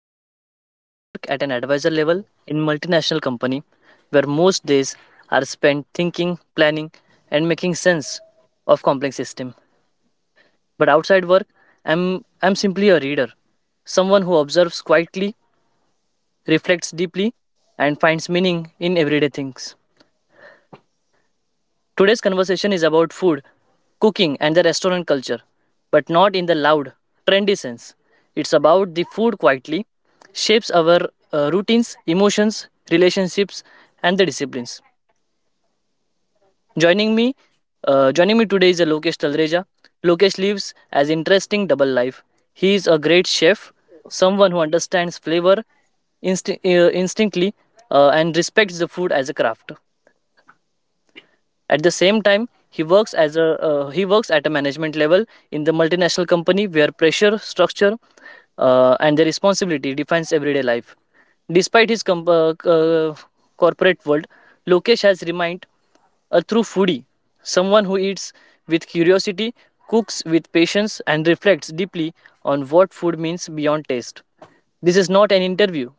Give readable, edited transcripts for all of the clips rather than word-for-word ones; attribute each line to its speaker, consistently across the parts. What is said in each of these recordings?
Speaker 1: Profession, I work at an advisor level in multinational company where most days are spent thinking, planning and making sense of complex system. But outside work, I'm I'm simply a reader, someone who observes quietly, reflects deeply and finds meaning in everyday things. Today's conversation is about food, cooking, and the restaurant culture, but not in the loud, trendy sense. It's about the food quietly shapes our routines, emotions, relationships, and the disciplines. Joining me, joining me today is Lokesh Talreja. Lokesh lives as interesting double life. He is a great chef, someone who understands flavor instinctly and respects the food as a craft. At the same time, he works at a management level in the multinational company where pressure, structure, and the responsibility defines everyday life. Despite his corporate world, Lokesh has remained a true foodie, someone who eats with curiosity, cooks with patience, and reflects deeply on what food means beyond taste. This is not an interview.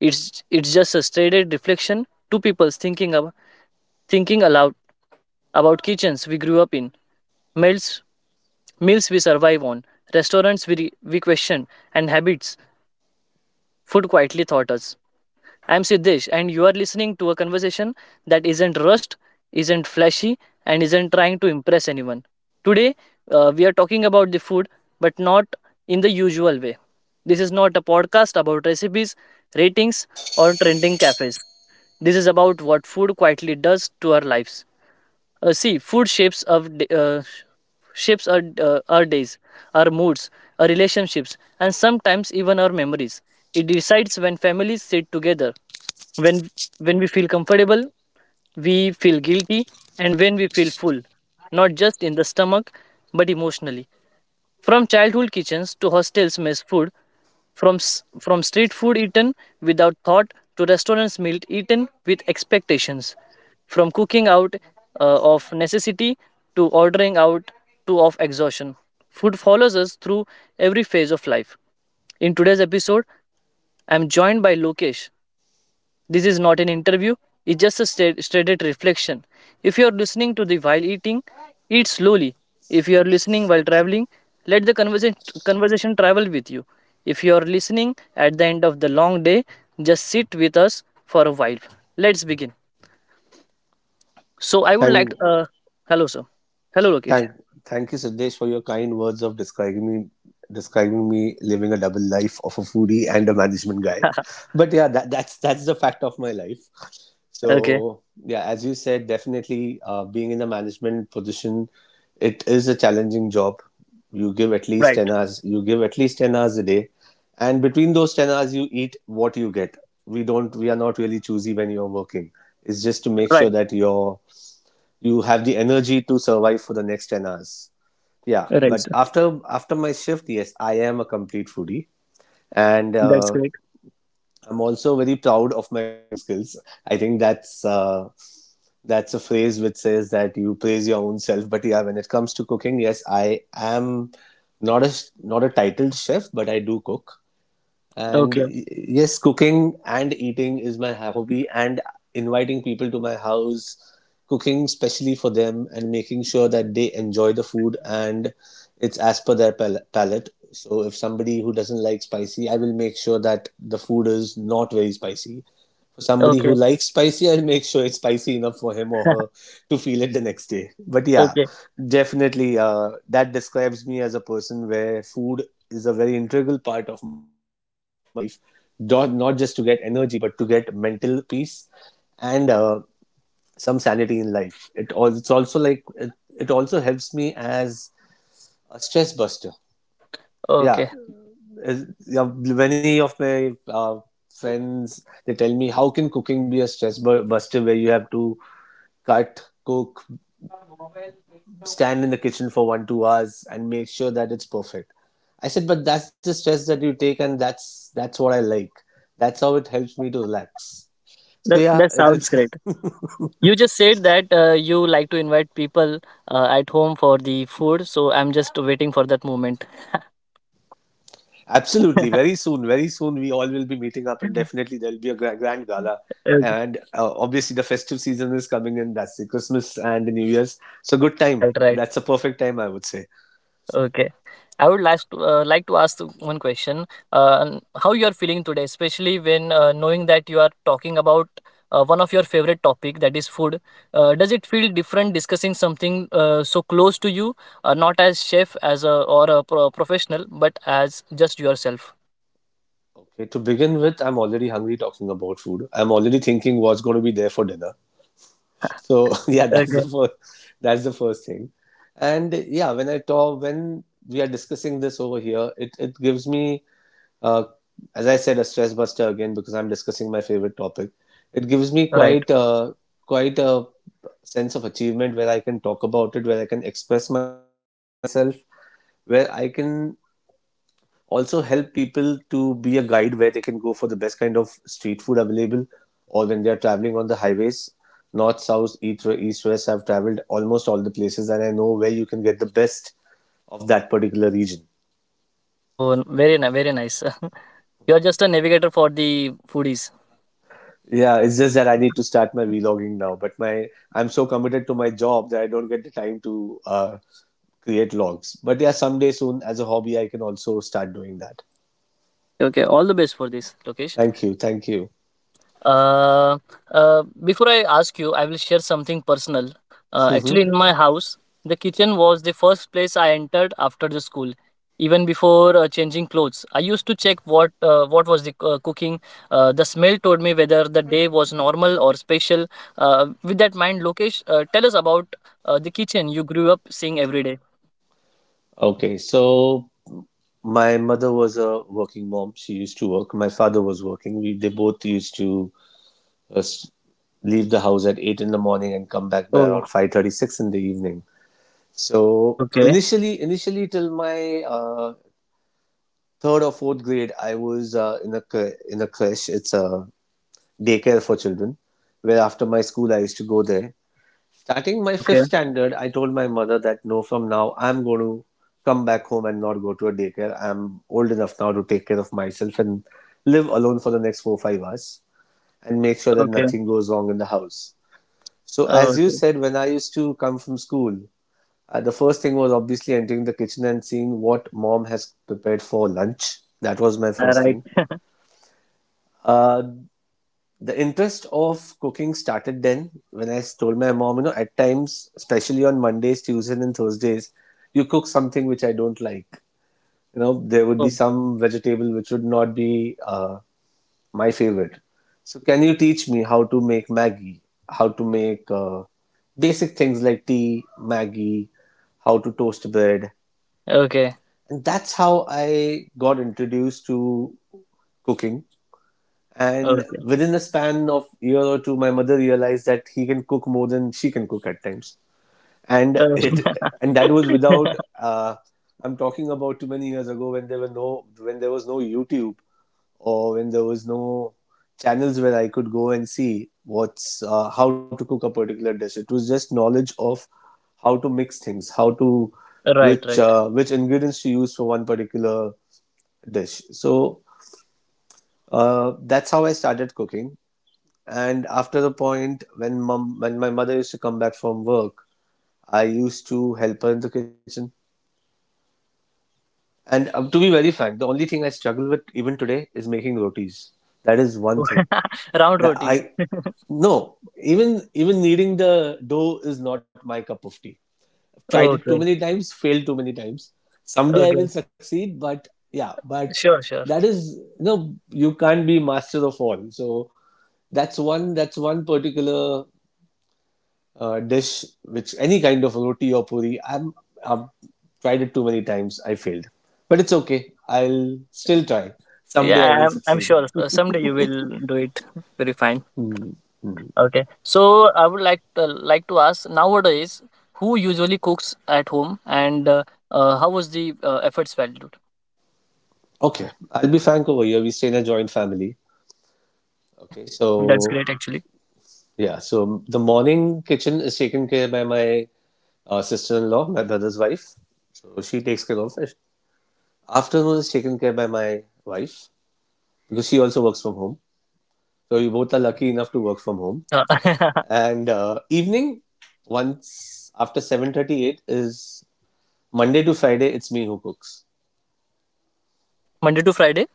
Speaker 1: It's just a straight reflection. Two people thinking aloud about kitchens we grew up in, meals, meals we survive on, restaurants we question, and habits food quietly taught us. I'm Siddesh, and you are listening to a conversation that isn't rushed, isn't flashy, and isn't trying to impress anyone. Today, we are talking about the food, but not in the usual way. This is not a podcast about recipes, ratings, or trending cafes. This is about what food quietly does to our lives. See, food shapes our days, our moods, our relationships, and sometimes even our memories. It decides when families sit together, when when we feel comfortable, we feel guilty, and when we feel full, not just in the stomach, but emotionally. From childhood kitchens to hostels' mess food, from, from street food eaten without thought to restaurants' meal eaten with expectations, from cooking out of necessity to ordering out to of exhaustion. Food follows us through every phase of life. In today's episode, I'm joined by Lokesh, this is not an interview, it's just a straight reflection. If you are listening to the while eating, eat slowly. If you are listening while traveling, let the conversation travel with you. If you are listening at the end of the long day, just sit with us for a while. Let's begin. So, I would like to.
Speaker 2: Thank,
Speaker 1: Hello, sir. Hello, Lokesh.
Speaker 2: thank, Thank you, Siddesh, for your kind words of describing me living a double life of a foodie and a management guy. But yeah, that's the fact of my life.
Speaker 1: Okay.
Speaker 2: So yeah, as you said, definitely being in a management position, it is a challenging job.
Speaker 1: Right.
Speaker 2: You give at least 10 hours a day, and between those 10 hours, you eat what you get. We don't. We are not really choosy when you're working. It's just to make sure
Speaker 1: Right.
Speaker 2: that you have the energy to survive for the next 10 hours. Yeah,
Speaker 1: Right,
Speaker 2: but
Speaker 1: sir.
Speaker 2: after my shift, yes, I am a complete foodie. and
Speaker 1: That's
Speaker 2: uh,
Speaker 1: great.
Speaker 2: I'm also very proud of my cooking skills. I think that's a phrase which says that you praise your own self. But yeah, when it comes to cooking, yes, I am not a not a titled chef, but I do cook. And
Speaker 1: Okay.
Speaker 2: yes, cooking and eating is my hobby, and inviting people to my house, cooking specially for them, and making sure that they enjoy the food and it's as per their palate. So, if somebody who doesn't like spicy, I will make sure that the food is not very spicy. For somebody who
Speaker 1: Okay.
Speaker 2: likes spicy, I'll make sure it's spicy enough for him or her to feel it the next day. But yeah,
Speaker 1: Okay.
Speaker 2: definitely, that describes me as a person where food is a very integral part of my life, not just to get energy, but to get mental peace and some sanity in life. It all, it's also like it also helps me as a stress buster. Yeah,
Speaker 1: Okay.
Speaker 2: yeah, many of my friends, they tell me, how can cooking be a stress buster, where you have to cut cook, stand in the kitchen for 1 2 hours and make sure that it's perfect? I said, but that's the stress that you take, and that's what I like. That's how it helps me to relax. So
Speaker 1: That,
Speaker 2: yeah,
Speaker 1: that sounds
Speaker 2: it's
Speaker 1: great. You just said that you like to invite people at home for the food, so I'm just waiting for that moment.
Speaker 2: Absolutely. Very soon, we all will be meeting up, and definitely there'll be a grand, grand gala. And
Speaker 1: Okay.
Speaker 2: uh, obviously, the festive season is coming in. That's the Christmas and the New Year's. So, good time.
Speaker 1: Right, right.
Speaker 2: That's a perfect time, I would say.
Speaker 1: Okay. I would last, like to ask one question. How you are feeling today, especially when knowing that you are talking about one of your favorite topic, that is food. Does it feel different discussing something so close to you, not as chef as a or a professional, but as just yourself?
Speaker 2: Okay, to begin with, I'm already hungry talking about food. I'm already thinking what's going to be there for dinner. So, yeah,
Speaker 1: Okay.
Speaker 2: that's the first thing. And yeah, when I talk, when we are discussing this over here, it gives me uh, as I said, a stress buster again because I'm discussing my favorite topic. It gives me
Speaker 1: Right.
Speaker 2: quite a sense of achievement where I can talk about it, where I can express myself, where I can also help people to be a guide where they can go for the best kind of street food available or when they are traveling on the highways. North, south, east, west. I've traveled almost all the places and I know where you can get the best of that particular region.
Speaker 1: Oh, very nice, very nice. You are just a navigator for the foodies.
Speaker 2: Yeah, it's just that I need to start my vlogging now. But my I'm so committed to my job that I don't get the time to create logs. But yeah, someday soon as a hobby, I can also start doing that.
Speaker 1: Okay, okay. All the best for this, Lokesh.
Speaker 2: Thank you, thank you.
Speaker 1: Uh, Before I ask you, I will share something personal. Actually,
Speaker 2: Mhm.
Speaker 1: in my house, the kitchen was the first place I entered after the school. Even before changing clothes, I used to check what was the cooking. The smell told me whether the day was normal or special. With that mind, Lokesh, tell us about the kitchen you grew up seeing every day.
Speaker 2: Okay, so my mother was a working mom. She used to work. My father was working. They both used to uh, s- leave the house at 8 in the morning and come back by
Speaker 1: Oh,
Speaker 2: around five thirty six in the evening. So
Speaker 1: okay,
Speaker 2: initially till my uh, third or fourth grade, I was in a creche. It's a daycare for children, where after my school, I used to go there. Starting my fifth
Speaker 1: okay.
Speaker 2: standard, I told my mother that no, from now I'm going to come back home and not go to a daycare. I'm old enough now to take care of myself and live alone for the next 4 or 5 hours and make sure that
Speaker 1: Okay.
Speaker 2: nothing goes wrong in the house. So
Speaker 1: Oh,
Speaker 2: as you
Speaker 1: okay.
Speaker 2: said, when I used to come from school, the first thing was obviously entering the kitchen and seeing what mom has prepared for lunch. That was my
Speaker 1: Yeah,
Speaker 2: first
Speaker 1: right.
Speaker 2: thing. Uh, the interest of cooking started then when I told my mom, you know, at times, especially on Mondays, Tuesdays, and Thursdays, you cook something which I don't like. You know, there would be
Speaker 1: Oh,
Speaker 2: some vegetable which would not be my favorite. So, can you teach me how to make Maggie, how to make basic things like tea, Maggie, how to toast bread?
Speaker 1: okay.
Speaker 2: And that's how I got introduced to cooking. And
Speaker 1: Okay.
Speaker 2: within a span of year or two, my mother realized that he can cook more than she can cook at times. And it
Speaker 1: Oh.
Speaker 2: and that was without I'm talking about too many years ago when there were no when there was no YouTube or when there was no channels where I could go and see what's how to cook a particular dish. It was just knowledge of how to mix things, how to
Speaker 1: Right, right.
Speaker 2: which ingredients to use for one particular dish. So that's how I started cooking. And after the point, when when my mother used to come back from work, I used to help her in the kitchen. And to be very frank, the only thing I struggle with even today is making rotis. That is one
Speaker 1: Oh,
Speaker 2: thing
Speaker 1: round
Speaker 2: that
Speaker 1: rotis.
Speaker 2: I, no, even kneading the dough is not my cup of tea. I've tried it too many
Speaker 1: Okay.
Speaker 2: times, failed too many times. Someday
Speaker 1: Okay.
Speaker 2: I will succeed, but yeah, but
Speaker 1: Sure, sure.
Speaker 2: that is, no, you can't be master of all. So that's one particular dish, which any kind of roti or puri, I've tried it too many times. I failed, but it's okay. I'll still try. Someday I
Speaker 1: Yeah,
Speaker 2: will
Speaker 1: I'm
Speaker 2: succeed.
Speaker 1: sure someday you will do it very fine.
Speaker 2: Hmm. Hmm.
Speaker 1: Okay. So I would like to ask nowadays who usually cooks at home and how was the efforts valued?
Speaker 2: Okay, I'll be frank over here. We stay in a joint family.
Speaker 1: Okay.
Speaker 2: Okay,
Speaker 1: That's
Speaker 2: so
Speaker 1: great actually.
Speaker 2: yeah, so the morning kitchen is taken care by my sister-in-law, my brother's wife. So she takes care of it. Afternoon is taken care by my wife because she also works home. So
Speaker 1: Okay.
Speaker 2: we both are lucky enough to work from home.
Speaker 1: Uh,
Speaker 2: And evening, once after 7:38 is Monday to Friday, it's me who cooks.
Speaker 1: Monday to Friday?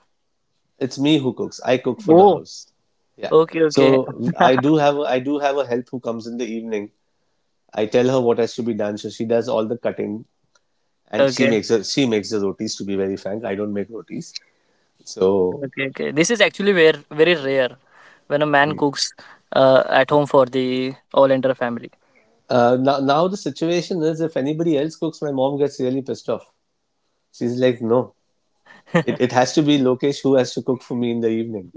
Speaker 2: It's me who cooks. I cook for the
Speaker 1: Oh,
Speaker 2: house. Yeah.
Speaker 1: okay, okay.
Speaker 2: So I do have a help who comes in the evening. I tell her what has to be done, so she does all the cutting and
Speaker 1: Okay.
Speaker 2: she makes the rotis. To be very frank, I don't make rotis. So
Speaker 1: Okay, okay. This is actually very, very rare when a man cooks at home for the all entire family.
Speaker 2: now the situation is if anybody else cooks, my mom gets really pissed off. She's like, no, it has to be Lokesh who has to cook for me in the evening.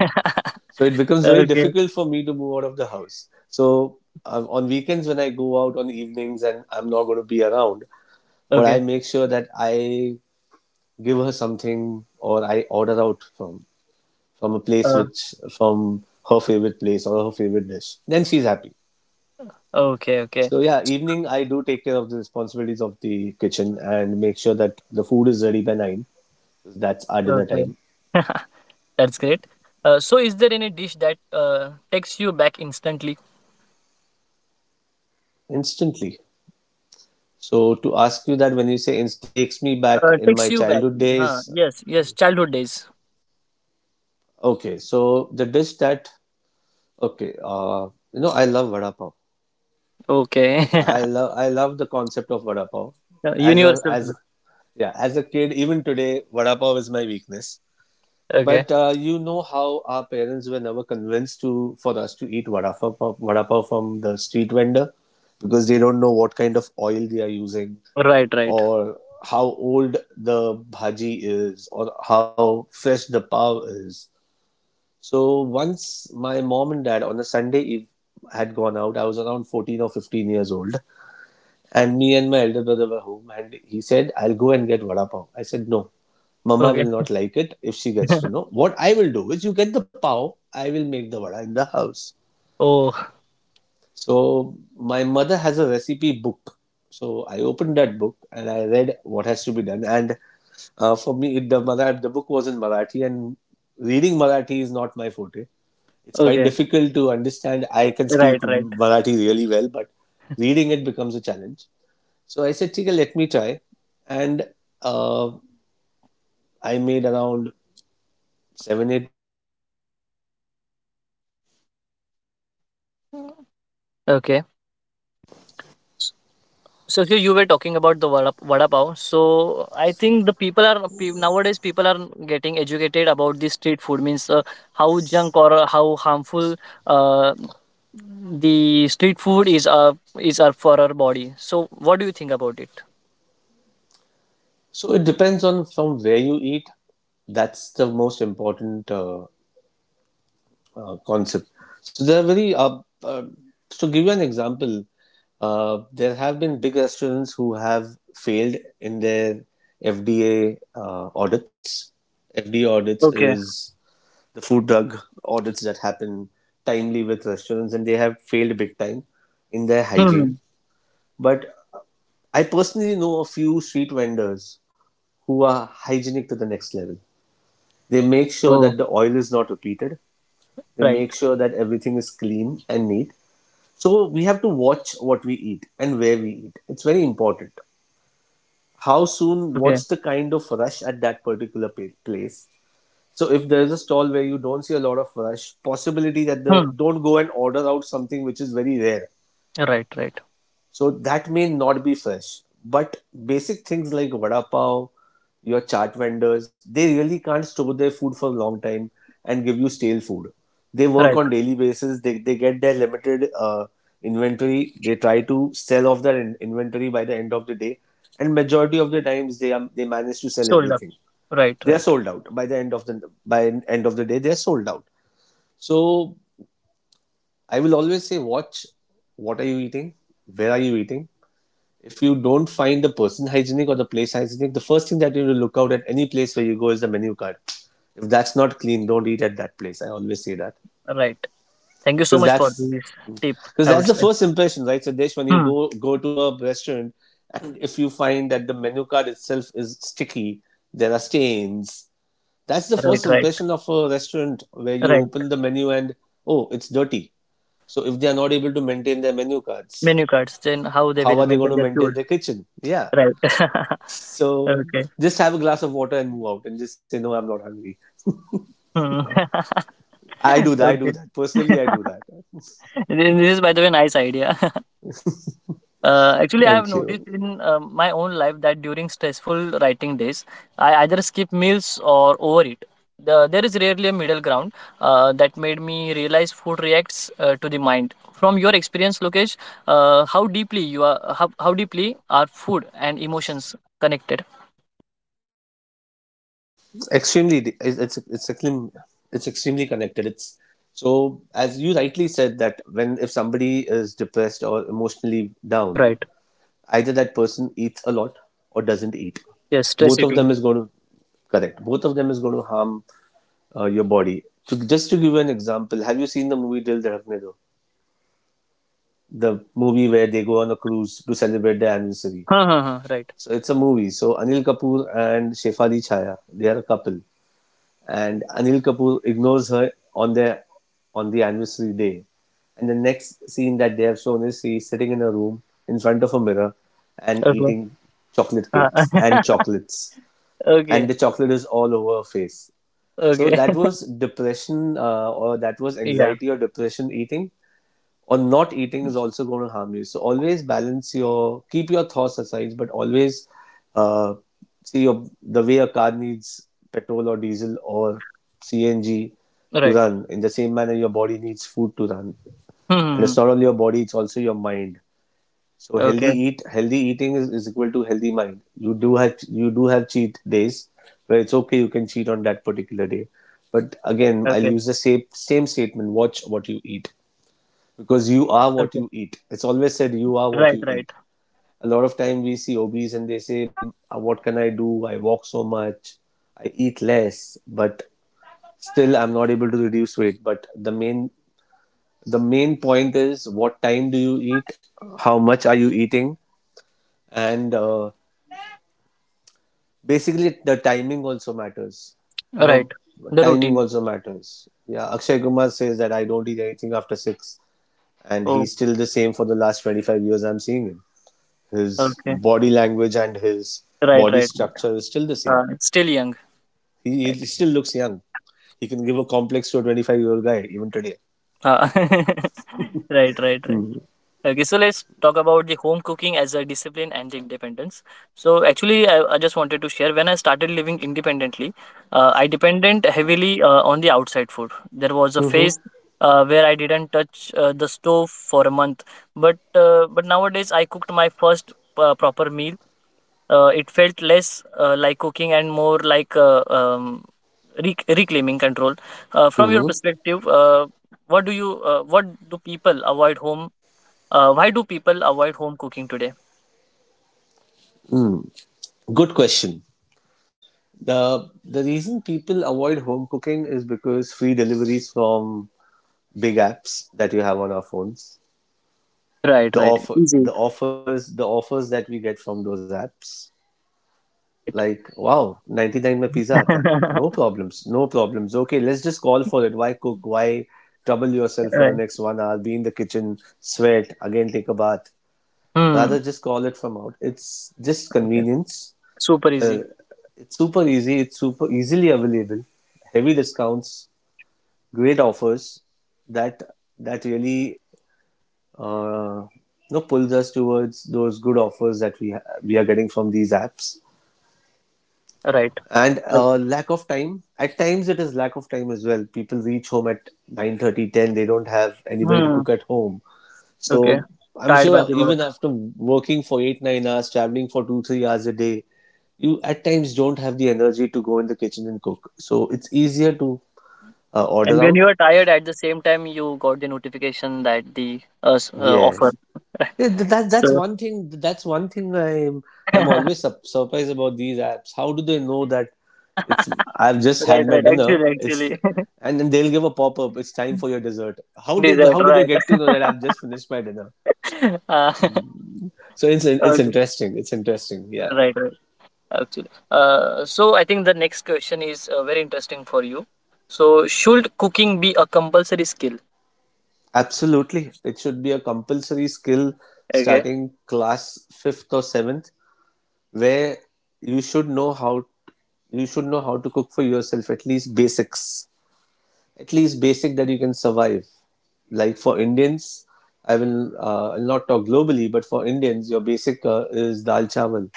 Speaker 2: So it becomes very
Speaker 1: Okay,
Speaker 2: difficult for me to move out of the house. So on weekends when I go out on evenings and I'm not going to be around, what
Speaker 1: okay,
Speaker 2: I make sure that I give her something or I order out from a place
Speaker 1: uh,
Speaker 2: which from her favorite place or her favorite dish. Then she's happy.
Speaker 1: okay, okay,
Speaker 2: So yeah, evening I do take care of the responsibilities of the kitchen and make sure that the food is ready by 9. That's our dinner
Speaker 1: okay.
Speaker 2: time
Speaker 1: That's great. So, is there any dish that takes you back instantly?
Speaker 2: instantly. So to ask you that when you say it takes me back in my
Speaker 1: Takes you back.
Speaker 2: childhood
Speaker 1: Huh.
Speaker 2: days,
Speaker 1: Yes, yes. Childhood days.
Speaker 2: Okay, so the dish that okay, you know, I love vada pav.
Speaker 1: Okay.
Speaker 2: I love the concept of vada pav. As a
Speaker 1: Universal
Speaker 2: as
Speaker 1: food.
Speaker 2: Yeah, as a kid, even today, vada pav is my weakness.
Speaker 1: Okay.
Speaker 2: But you know how our parents were never convinced to for us to eat vada pav from the street vendor because they don't know what kind of oil they are using
Speaker 1: Right, right.
Speaker 2: or how old the bhaji is or how fresh the pav is. So once my mom and dad on a Sunday eve had gone out, I was around 14 or 15 years old, and me and my elder brother were home, and he said, I'll go and get vada pav. I said, No, mama
Speaker 1: Okay.
Speaker 2: will not like it if she gets to know. What I will do is, you get the pav, I will make the vada in the house.
Speaker 1: Oh.
Speaker 2: So my mother has a recipe book. So I opened that book and I read what has to be done. And for me, the book was in Marathi, and reading Marathi is not my forte. It's quite
Speaker 1: Okay.
Speaker 2: difficult to understand. I can speak
Speaker 1: Right, right.
Speaker 2: Marathi really well, but reading it becomes a challenge. So I said, Tika, let me try. And uh, I made around seven, eight.
Speaker 1: Okay. So if you were talking about the vada pav. So I think the people are pe- nowadays people are getting educated about the street food means how junk or how harmful uh, the street food is for our body. So what do you think about it?
Speaker 2: So it depends on from where you eat. That's the most important concept. So there are very uh, to give you an example, there have been big restaurants who have failed in their FDA audits. FDA audits
Speaker 1: Okay.
Speaker 2: is the food drug audits that happen timely with restaurants, and they have failed big time in their
Speaker 1: Hmm.
Speaker 2: hygiene. But I personally know a few street vendors who are hygienic to the next level. They make sure that
Speaker 1: Oh,
Speaker 2: the oil is not repeated. They
Speaker 1: right.
Speaker 2: make sure that everything is clean and neat. So we have to watch what we eat and where we eat. It's very important. How soon,
Speaker 1: Okay.
Speaker 2: what's the kind of rush at that particular place? So if there is a stall where you don't see a lot of rush, possibility that the
Speaker 1: Hmm.
Speaker 2: don't go and order out something which is very rare.
Speaker 1: Right. Right.
Speaker 2: So that may not be fresh, but basic things like vada pav, your chaat vendors, they really can't store their food for a long time and give you stale food. They work
Speaker 1: Right.
Speaker 2: on daily basis. They get their limited inventory. They try to sell off their inventory by the end of the day, and majority of the times they manage to sell
Speaker 1: Sold up.
Speaker 2: everything.
Speaker 1: Right,
Speaker 2: They are
Speaker 1: right,
Speaker 2: sold out by the end of the day. They are sold out. So I will always say, watch what are you eating, where are you eating, if you don't find the person hygienic or the place hygienic, the first thing that you will look out at any place where you go is the menu card. If that's not clean, don't eat at that place. I always say that
Speaker 1: right. Thank you so
Speaker 2: because
Speaker 1: much for
Speaker 2: that's
Speaker 1: this tip.
Speaker 2: because
Speaker 1: I would
Speaker 2: that's the
Speaker 1: say.
Speaker 2: first impression, right? So, Desh, when you
Speaker 1: Hmm.
Speaker 2: go to a restaurant and if you find that the menu card itself is sticky, there are stains. That's the
Speaker 1: Ah, right,
Speaker 2: first
Speaker 1: right,
Speaker 2: impression of a restaurant where you
Speaker 1: right.
Speaker 2: open the menu and oh, it's dirty. So, if they are not able to maintain their menu cards,
Speaker 1: Menu cards. Then how they
Speaker 2: how
Speaker 1: will
Speaker 2: are they going
Speaker 1: maintain
Speaker 2: to
Speaker 1: their
Speaker 2: maintain
Speaker 1: food.
Speaker 2: their kitchen? Yeah.
Speaker 1: Right.
Speaker 2: So
Speaker 1: Okay.
Speaker 2: just have a glass of water and move out and just say, no, I'm not hungry.
Speaker 1: Hmm.
Speaker 2: I do that. I
Speaker 1: Okay.
Speaker 2: do that. Personally, I do that.
Speaker 1: This is, by the way, nice idea. Actually, I have
Speaker 2: Thank
Speaker 1: noticed
Speaker 2: you.
Speaker 1: in my own life that during stressful writing days, I either skip meals or overeat. There is rarely a middle ground that made me realize food reacts to the mind. From your experience, Lokesh, how deeply are food and emotions connected?
Speaker 2: Extremely, it's extremely connected. It's so, as you rightly said, that when if somebody is depressed down,
Speaker 1: Right.
Speaker 2: either that person eats a lot or doesn't eat.
Speaker 1: Yes,
Speaker 2: Both of
Speaker 1: stress
Speaker 2: them is
Speaker 1: eating.
Speaker 2: going to correct. Both of them is going to harm your body. So just to give you an example, have you seen the movie Dil Dhadkne Do? The movie where they go on a cruise to celebrate their anniversary.
Speaker 1: Huh, huh, huh, right.
Speaker 2: So it's a movie. So Anil Kapoor and Shefali Chaya, they are a couple, and Anil Kapoor ignores her on their on the anniversary day. And the next scene that they have shown is he's sitting in a room in front of a mirror and
Speaker 1: Okay.
Speaker 2: eating chocolate
Speaker 1: Uh,
Speaker 2: cakes and chocolates, and
Speaker 1: okay.
Speaker 2: the chocolate is all over her face. So
Speaker 1: Okay.
Speaker 2: that was depression, or that was
Speaker 1: Yeah.
Speaker 2: anxiety or depression. Eating or not eating is also going to harm you. So always balance your keep your thoughts aside, but always uh, see your, the way a car needs petrol or diesel or CNG to
Speaker 1: Right.
Speaker 2: run. In the same manner, your body needs food to run,
Speaker 1: Hmm, hmm,
Speaker 2: and
Speaker 1: hmm.
Speaker 2: it's not only your body; it's also your mind. So
Speaker 1: Okay.
Speaker 2: healthy eating is equal to healthy mind. You do have cheat days where it's okay you can cheat on that particular day, but again I'll
Speaker 1: Okay.
Speaker 2: use the same statement: watch what you eat because you are what
Speaker 1: Okay.
Speaker 2: you eat. It's always said you are what
Speaker 1: Right.
Speaker 2: you
Speaker 1: Right.
Speaker 2: eat. A lot of time we see obese and they say, "What can I do? I walk so much, I eat less, but still I'm not able to reduce weight." But the main point is what time do you eat, how much are you eating, and basically the timing also matters. You know,
Speaker 1: Right. The
Speaker 2: timing
Speaker 1: routine.
Speaker 2: also matters. Yeah, Akshay Kumar says that I don't eat anything after six, and
Speaker 1: Oh.
Speaker 2: he's still the same for the last 25 years. I'm seeing him. His
Speaker 1: Okay.
Speaker 2: body language and his
Speaker 1: Right.
Speaker 2: body
Speaker 1: Right. Right.
Speaker 2: structure is still the same.
Speaker 1: Still young.
Speaker 2: He,
Speaker 1: Right?
Speaker 2: he still looks young. He can give a complex to a 25-year-old guy even today.
Speaker 1: Uh, right, right, right.
Speaker 2: Mm-hmm.
Speaker 1: Okay, so let's talk about the home cooking as a discipline and the independence. So actually, I just wanted to share when I started living independently, I depended heavily on the outside food. There was a
Speaker 2: Mm-hmm.
Speaker 1: phase where I didn't touch the stove for a month, but nowadays I cooked my first proper meal. It felt less like cooking and more like reclaiming control. From your
Speaker 2: Mm-hmm.
Speaker 1: perspective, what do people avoid home? Why do people avoid home cooking today?
Speaker 2: Mm. Good question. The reason people avoid home cooking is because free deliveries from big apps that you have on our phones.
Speaker 1: Right, right. Easy.
Speaker 2: The offers that we get from those apps like
Speaker 1: Right.
Speaker 2: wow, 99 में pizza आता है. No problems, no problems, okay, let's just call for it. Why cook, why trouble yourself for the
Speaker 1: Right.
Speaker 2: next 1 hour, be in the kitchen, sweat again, take a bath, rather
Speaker 1: Hmm.
Speaker 2: just call it from out. It's just
Speaker 1: Okay.
Speaker 2: convenience.
Speaker 1: Super
Speaker 2: uh,
Speaker 1: easy.
Speaker 2: it's super easy, it's super easily available, heavy discounts, great offers that really uh, you know, pulls us towards those good offers that we are getting from these apps,
Speaker 1: Right.
Speaker 2: and
Speaker 1: Right.
Speaker 2: lack of time. At times it is lack of time as well. People reach home at 9:30, ten. They don't have anybody to
Speaker 1: Hmm.
Speaker 2: cook at home,
Speaker 1: Okay.
Speaker 2: so I'm
Speaker 1: Tired by
Speaker 2: sure
Speaker 1: the work,
Speaker 2: even after working for 8 9 hours, traveling for 2 3 hours a day, you at times don't have the energy to go in the kitchen and cook, so it's easier to
Speaker 1: and
Speaker 2: order
Speaker 1: when
Speaker 2: out.
Speaker 1: you are tired, at the same time, you got the notification that the offer.
Speaker 2: Yes. Yeah, that's
Speaker 1: So.
Speaker 2: one thing. That's one thing I'm
Speaker 1: Right.
Speaker 2: always surprised about these apps. How do they know that it's I've just
Speaker 1: Right.
Speaker 2: had my dinner.
Speaker 1: Actually.
Speaker 2: It's
Speaker 1: Actually.
Speaker 2: and then they'll give a pop up. It's time for your dessert.
Speaker 1: Dessert.
Speaker 2: How do they
Speaker 1: Right.
Speaker 2: get to know that I've just finished my dinner?
Speaker 1: uh,
Speaker 2: So it's
Speaker 1: okay.
Speaker 2: interesting. It's interesting. Yeah,
Speaker 1: Right, right. Actually, so I think the next question is very interesting for you. So, should cooking be a compulsory skill?
Speaker 2: absolutely. It should be a compulsory skill
Speaker 1: Okay.
Speaker 2: starting class fifth or seventh, where you should know how you should know how to cook for yourself, at least basics, at least basic that you can survive. Like for Indians, I will not talk globally, but for Indians, your basic is dal chawal.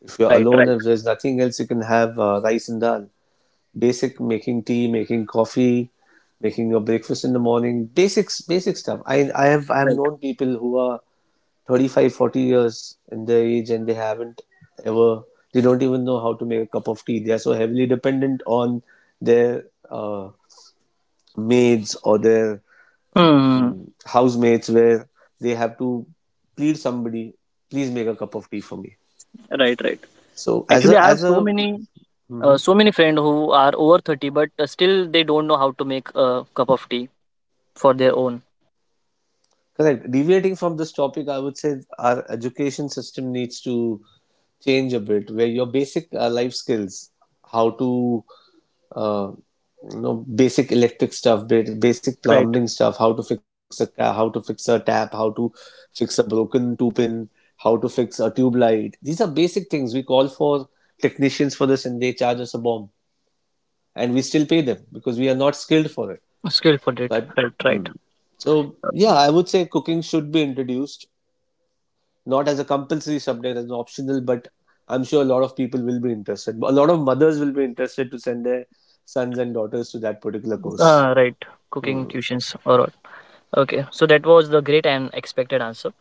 Speaker 2: If you're
Speaker 1: Right,
Speaker 2: alone,
Speaker 1: right,
Speaker 2: if there's nothing else, you can have rice and dal. Basic making tea, making coffee, making your breakfast in the morning. Basics, basic stuff. I have
Speaker 1: right.
Speaker 2: known people who are 35, 40 years in their age and they haven't ever. They don't even know how to make a cup of tea. They are so heavily dependent on their uh, maids or their
Speaker 1: Hmm.
Speaker 2: housemates where they have to plead somebody, please make a cup of tea for me.
Speaker 1: Right, right.
Speaker 2: So
Speaker 1: Actually, I have
Speaker 2: as
Speaker 1: so
Speaker 2: a
Speaker 1: many, uh,
Speaker 2: mhm,
Speaker 1: so many friends who are over 30, but still they don't know how to make a cup of tea for their own.
Speaker 2: correct. Deviating from this topic, I would say our education system needs to change a bit, where your basic life skills, how to uh, you know, basic electric stuff, basic plumbing
Speaker 1: Right.
Speaker 2: stuff, how to fix a how to fix a tap, how to fix a broken two pin, how to fix a tube light. These are basic things we call for technicians for this and they charge us a bomb, and we still pay them because we are not skilled for it,
Speaker 1: Skill for it.
Speaker 2: but
Speaker 1: Right,
Speaker 2: hmm.
Speaker 1: right.
Speaker 2: So yeah, I would say cooking should be introduced not as a compulsory subject as an optional, but I'm sure a lot of people will be interested, a lot of mothers will be interested to send their sons and daughters to that particular course.
Speaker 1: Ah, right. Cooking
Speaker 2: Hmm.
Speaker 1: tuitions or what? Okay. So that was the great and expected answer.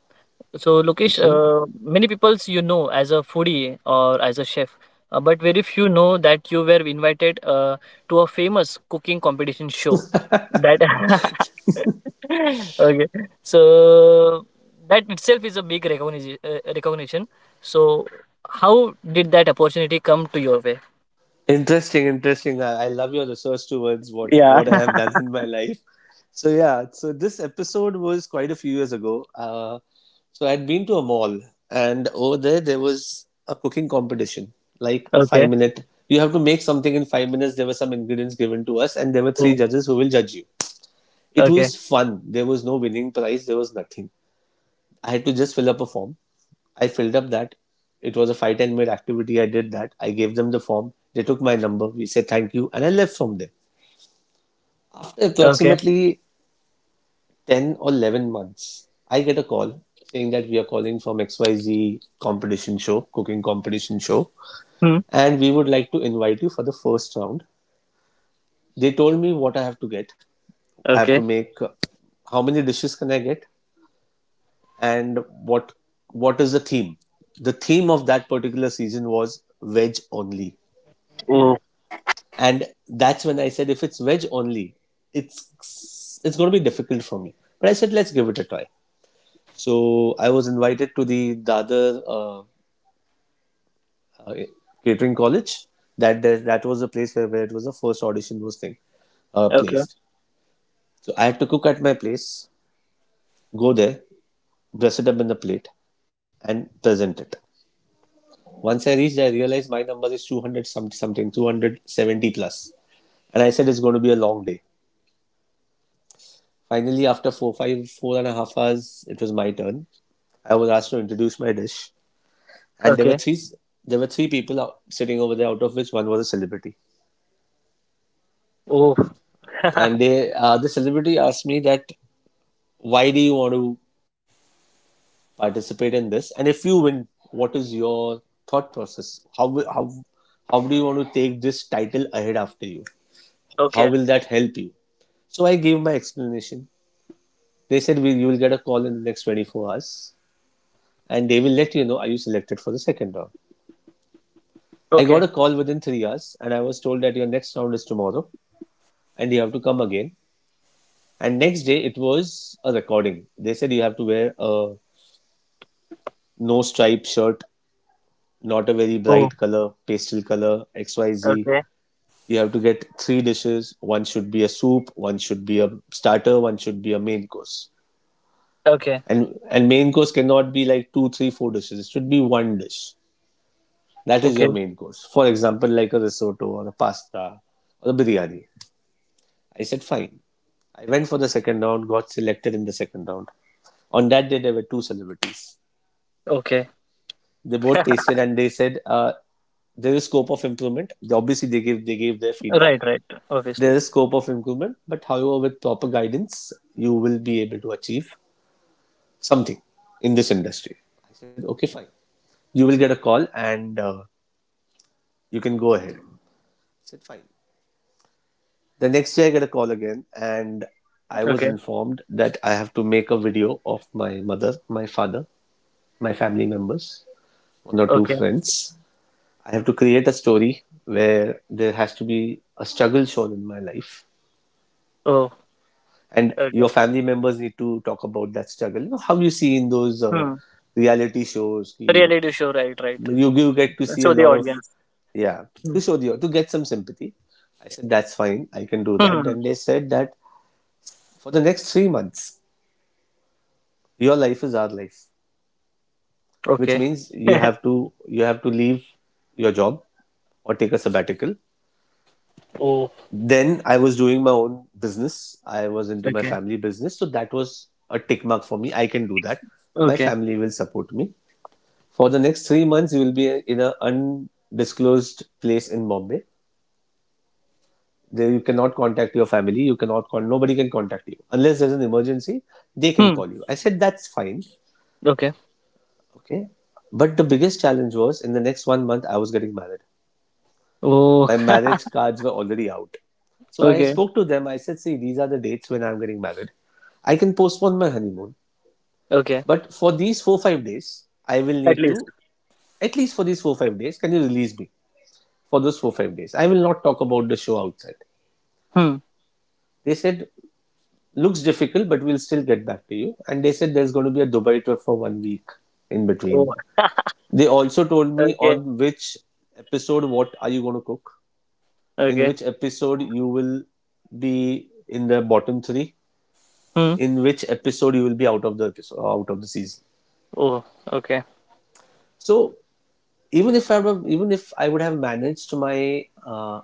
Speaker 1: So, Lokesh,
Speaker 2: Thank you.
Speaker 1: many peoples as a foodie or as a chef, but very few know that you were invited to a famous cooking competition show. That okay, so that itself is a big recognition. Recognition. So, how did that opportunity come to your way?
Speaker 2: Interesting, interesting. I love your research towards
Speaker 1: Yeah.
Speaker 2: what I have done in my life. So yeah, so this episode was quite a few years ago. So I'd been to a mall, and over there there was a cooking competition, like a five
Speaker 1: Okay.
Speaker 2: minute. You have to make something in 5 minutes. There were some ingredients given to us, and there were three
Speaker 1: Mm.
Speaker 2: judges who will judge you. It
Speaker 1: Okay.
Speaker 2: was fun. There was no winning prize. There was nothing. I had to just fill up a form, I filled up that. It was a 5 10 minute activity. I did that. I gave them the form. They took my number. We said thank you, and I left from there. After
Speaker 1: Okay.
Speaker 2: approximately 10 or 11 months, I get a call saying that we are calling from XYZ competition show, cooking competition show,
Speaker 1: Hmm.
Speaker 2: and we would like to invite you for the first round. They told me what I have to get. I have to
Speaker 1: Okay.
Speaker 2: make how many dishes can I get and what is the theme. The theme of that particular season was veg only. And that's when I said, if it's veg only, it's going to be difficult for me. But I said, let's give it a try. So I was invited to the Dadar uh, Catering College. That was the place where it was the first audition was thing
Speaker 1: Okay,
Speaker 2: placed. So I had to cook at my place, go there, dress it up in the plate, and present it. Once I reached, I realized my number is 200 some, something, 270 plus. And I said it's going to be a long day. Finally, after 4.5 hours, it was my turn. I was asked to introduce my dish, and there were
Speaker 1: okay.
Speaker 2: three. There were three people sitting over there, out of which one was a celebrity.
Speaker 1: Oh.
Speaker 2: And the celebrity asked me that, "Why do you want to participate in this? And if you win, what is your thought process? How how how do you want to take this title ahead after you? How
Speaker 1: Okay,
Speaker 2: will that help you?" So I gave my explanation. They said, "We You will get a call in the next 24 hours, and they will let you know are you selected for the second round." I got
Speaker 1: okay.
Speaker 2: a call within 3 hours, and I was told that your next round is tomorrow, and you have to come again. And next day, it was a recording. They said you have to wear a no stripe shirt, not a very
Speaker 1: Oh,
Speaker 2: bright color, pastel color, XYZ.
Speaker 1: okay.
Speaker 2: You have to get three dishes. One should be a soup, one should be a starter, one should be a main course.
Speaker 1: Okay,
Speaker 2: And main course cannot be like two, three, four dishes. It should be one dish. That is your
Speaker 1: okay,
Speaker 2: main course. For example, like a risotto or a pasta or a biryani. I said, fine. I went for the second round, got selected in the second round. On that day, there were two celebrities.
Speaker 1: okay.
Speaker 2: They both tasted and they said, there is scope of improvement. Obviously, they gave their feedback.
Speaker 1: Right, right. Obviously.
Speaker 2: There is scope of improvement, but however, with proper guidance, you will be able to achieve something in this industry. I said, okay, fine. You will get a call and you can go ahead. I said, fine. The next day I get a call again and I was
Speaker 1: Okay,
Speaker 2: informed that I have to make a video of my mother, my father, my family members, one or two
Speaker 1: okay.
Speaker 2: friends. I have to create a story where there has to be a struggle shown in my life.
Speaker 1: Oh,
Speaker 2: And
Speaker 1: okay.
Speaker 2: your family members need to talk about that struggle. You know, how you see in those
Speaker 1: Hmm.
Speaker 2: reality shows, you,
Speaker 1: Reality show, right, right.
Speaker 2: you get to see a
Speaker 1: Show the
Speaker 2: lot of,
Speaker 1: audience.
Speaker 2: yeah,
Speaker 1: Hmm.
Speaker 2: to show the, to get some sympathy. I said, that's fine, I can do that.
Speaker 1: Hmm.
Speaker 2: And they said that for the next 3 months, your life is our life, which
Speaker 1: Okay.
Speaker 2: means you have to you have to leave your job or take a sabbatical.
Speaker 1: Oh,
Speaker 2: Then I was doing my own business. I was into my
Speaker 1: okay.
Speaker 2: family business, so that was a tick mark for me. I can do that. My
Speaker 1: Okay.
Speaker 2: family will support me. For the next 3 months you will be in an undisclosed place in Bombay. There you cannot contact your family, you cannot call, nobody can contact you unless there's an emergency. They can
Speaker 1: Hmm.
Speaker 2: call you. I said, that's fine.
Speaker 1: Okay.
Speaker 2: Okay, but the biggest challenge was in the next one month I was getting married.
Speaker 1: Oh.
Speaker 2: My marriage cards were already out. So I
Speaker 1: Okay.
Speaker 2: spoke to them. I said, see, these are the dates when I'm getting married. I can postpone my honeymoon.
Speaker 1: Okay.
Speaker 2: But for these four, 5 days, I will
Speaker 1: At
Speaker 2: need
Speaker 1: least.
Speaker 2: to, at least for these four, 5 days, can you release me for those four, 5 days? I will not talk about the show outside.
Speaker 1: Hmm.
Speaker 2: They said, looks difficult, but we'll still get back to you. And they said there's going to be a Dubai tour for one week in
Speaker 1: Oh.
Speaker 2: between. They also told me
Speaker 1: Okay.
Speaker 2: on which episode what are you going to cook, in
Speaker 1: Okay.
Speaker 2: which episode you will be in the bottom three,
Speaker 1: Hmm.
Speaker 2: in which episode you will be out of the episode, out of the season.
Speaker 1: Oh. Okay.
Speaker 2: So even if I would have managed my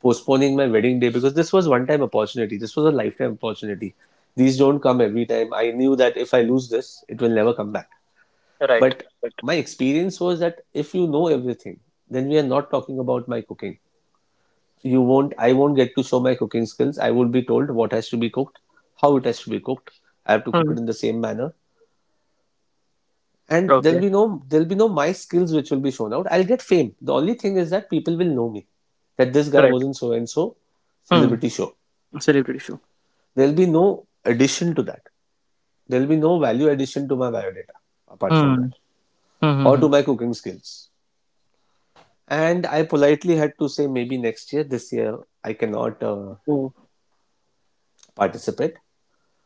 Speaker 2: postponing my wedding day, because this was one time opportunity, this was a lifetime opportunity. These don't come every time. I knew that if I lose this, it will never come back.
Speaker 1: Right.
Speaker 2: But
Speaker 1: Right.
Speaker 2: my experience was that if you know everything, then we are not talking about my cooking. You won't I won't get to show my cooking skills. I will be told what has to be cooked, how it has to be cooked. I have to cook
Speaker 1: Hmm.
Speaker 2: it in the same manner, and there'll
Speaker 1: Okay.
Speaker 2: be no there'll be no my skills which will be shown out. I'll get fame. The only thing is that people will know me that this guy
Speaker 1: Right.
Speaker 2: was in so and so
Speaker 1: Hmm.
Speaker 2: celebrity show.
Speaker 1: Celebrity show.
Speaker 2: There'll be no addition to that. There'll be no value addition to my biodata, apart
Speaker 1: Hmm.
Speaker 2: from that,
Speaker 1: Hmm, hmm,
Speaker 2: or
Speaker 1: hmm.
Speaker 2: to my cooking skills. And I politely had to say maybe next year, this year I cannot
Speaker 1: So,
Speaker 2: participate.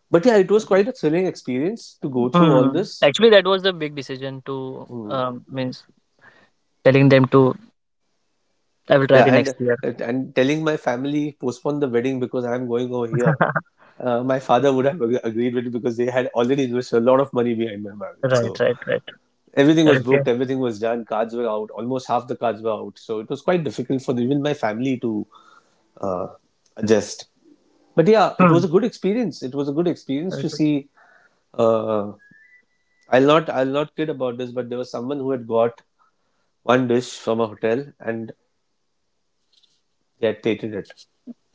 Speaker 2: But yeah, it was quite a thrilling experience to go through all
Speaker 1: hmm.
Speaker 2: this.
Speaker 1: Actually, that was the big decision to
Speaker 2: Mm.
Speaker 1: means telling them to I will try
Speaker 2: Yeah,
Speaker 1: the next
Speaker 2: and
Speaker 1: year.
Speaker 2: and telling my family, postpone the wedding because I'm going over here. My father would have agreed with it because they had already invested a lot of money behind my marriage.
Speaker 1: Right,
Speaker 2: So
Speaker 1: right, right.
Speaker 2: everything was
Speaker 1: Okay.
Speaker 2: booked, everything was done, cards were out, almost half the cards were out. So it was quite difficult for even my family to uh, adjust. But yeah, it
Speaker 1: Hmm.
Speaker 2: was a good experience. It was a good experience to
Speaker 1: Okay.
Speaker 2: see. Uh, I'll not kid about this, but there was someone who had got one dish from a hotel and they had taken it.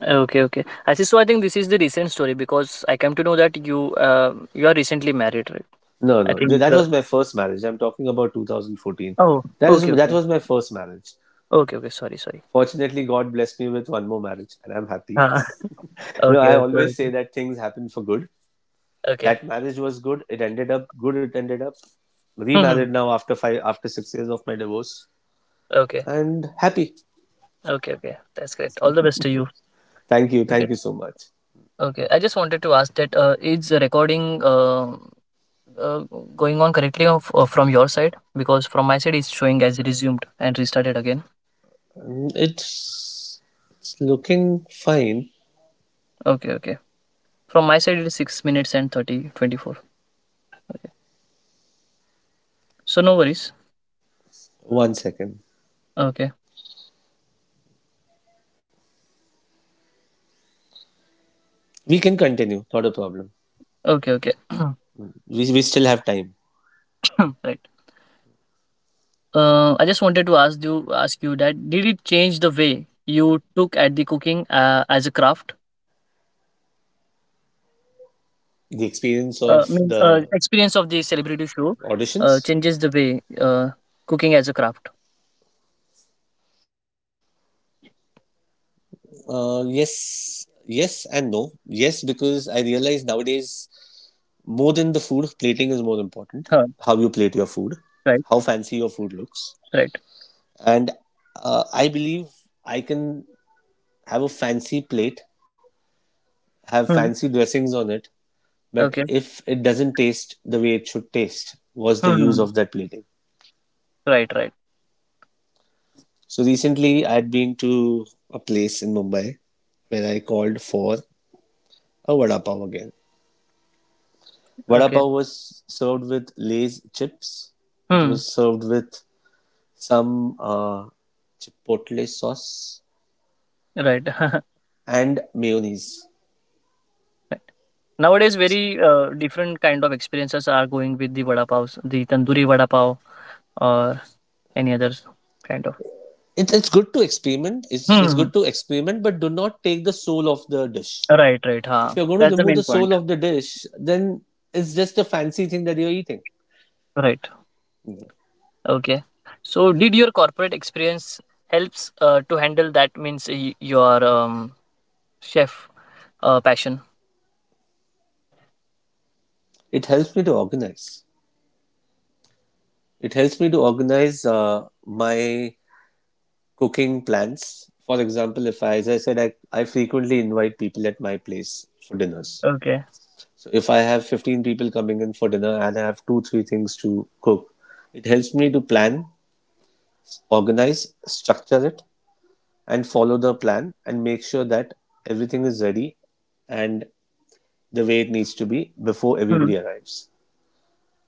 Speaker 1: Okay, okay. I see. So I think this is the recent story because I come to know that you are recently married, right?
Speaker 2: No,
Speaker 1: I
Speaker 2: no,
Speaker 1: think.
Speaker 2: that was my first marriage. I'm talking about 2014.
Speaker 1: Oh,
Speaker 2: That is
Speaker 1: okay,
Speaker 2: that
Speaker 1: okay,
Speaker 2: was my first marriage.
Speaker 1: okay, okay. Sorry, sorry.
Speaker 2: Fortunately, God blessed me with one more marriage, and I'm happy.
Speaker 1: Uh,
Speaker 2: you
Speaker 1: okay,
Speaker 2: I
Speaker 1: okay,
Speaker 2: always
Speaker 1: okay.
Speaker 2: say that things happen for good.
Speaker 1: Okay.
Speaker 2: That marriage was good. It ended up good. It ended up
Speaker 1: Hmm.
Speaker 2: remarried now after 6 years of my divorce,
Speaker 1: Okay.
Speaker 2: and happy.
Speaker 1: Okay. Okay. That's great. All the best to you. Okay.
Speaker 2: Thank you so much.
Speaker 1: Okay. I just wanted to ask that is the recording uh, going on correctly from your side because from my side it's showing as resumed and restarted again.
Speaker 2: Um, It's it's looking fine.
Speaker 1: Okay, okay. From my side it is 6 minutes and 30:24. So no worries.
Speaker 2: One second.
Speaker 1: Okay,
Speaker 2: We can continue. Not a problem.
Speaker 1: okay, okay.
Speaker 2: We still have time.
Speaker 1: Right. I just wanted to ask you that did it change the way you took at the cooking as a craft.
Speaker 2: The experience of
Speaker 1: Means
Speaker 2: the
Speaker 1: experience of the celebrity
Speaker 2: auditions,
Speaker 1: show changes the way cooking as a craft.
Speaker 2: yes, yes and no. Yes, because I realize nowadays more than the food, plating is more important. How you
Speaker 1: Huh,
Speaker 2: plate your food, how
Speaker 1: right,
Speaker 2: fancy your food looks.
Speaker 1: right.
Speaker 2: And I believe I can have a fancy plate, have
Speaker 1: Hmm.
Speaker 2: fancy dressings on it, but
Speaker 1: Okay.
Speaker 2: if it doesn't taste the way it should taste, what's the use
Speaker 1: Hmm.
Speaker 2: of that plating?
Speaker 1: Right, right.
Speaker 2: So recently, I'd been to a place in Mumbai where I called for a vada pav again. Vada
Speaker 1: Okay.
Speaker 2: pav was served with Lay's chips. It
Speaker 1: Hmm.
Speaker 2: was served with some chipotle sauce
Speaker 1: Right.
Speaker 2: and mayonnaise.
Speaker 1: Right. Nowadays, very different kind of experiences are going with the vada pav, the tandoori vada pav, or any other kind of.
Speaker 2: It's good to experiment.
Speaker 1: Hmm.
Speaker 2: It's
Speaker 1: Hmm, hmm.
Speaker 2: good to experiment, but do not take the soul of the dish.
Speaker 1: Right. Right.
Speaker 2: If
Speaker 1: Huh.
Speaker 2: you're going to
Speaker 1: That's the
Speaker 2: remove the
Speaker 1: main
Speaker 2: soul
Speaker 1: point.
Speaker 2: of the dish, then it's just a fancy thing that you're eating.
Speaker 1: Right. Okay. So, did your corporate experience helps to handle that means your chef passion?
Speaker 2: It helps me to organize. It helps me to organize my cooking plans. For example, if I, as I said, I frequently invite people at my place for dinners.
Speaker 1: Okay.
Speaker 2: So if I have 15 people coming in for dinner and I have two, three things to cook, it helps me to plan, organize, structure it, and follow the plan and make sure that everything is ready and the way it needs to be before
Speaker 1: Hmm.
Speaker 2: everybody arrives.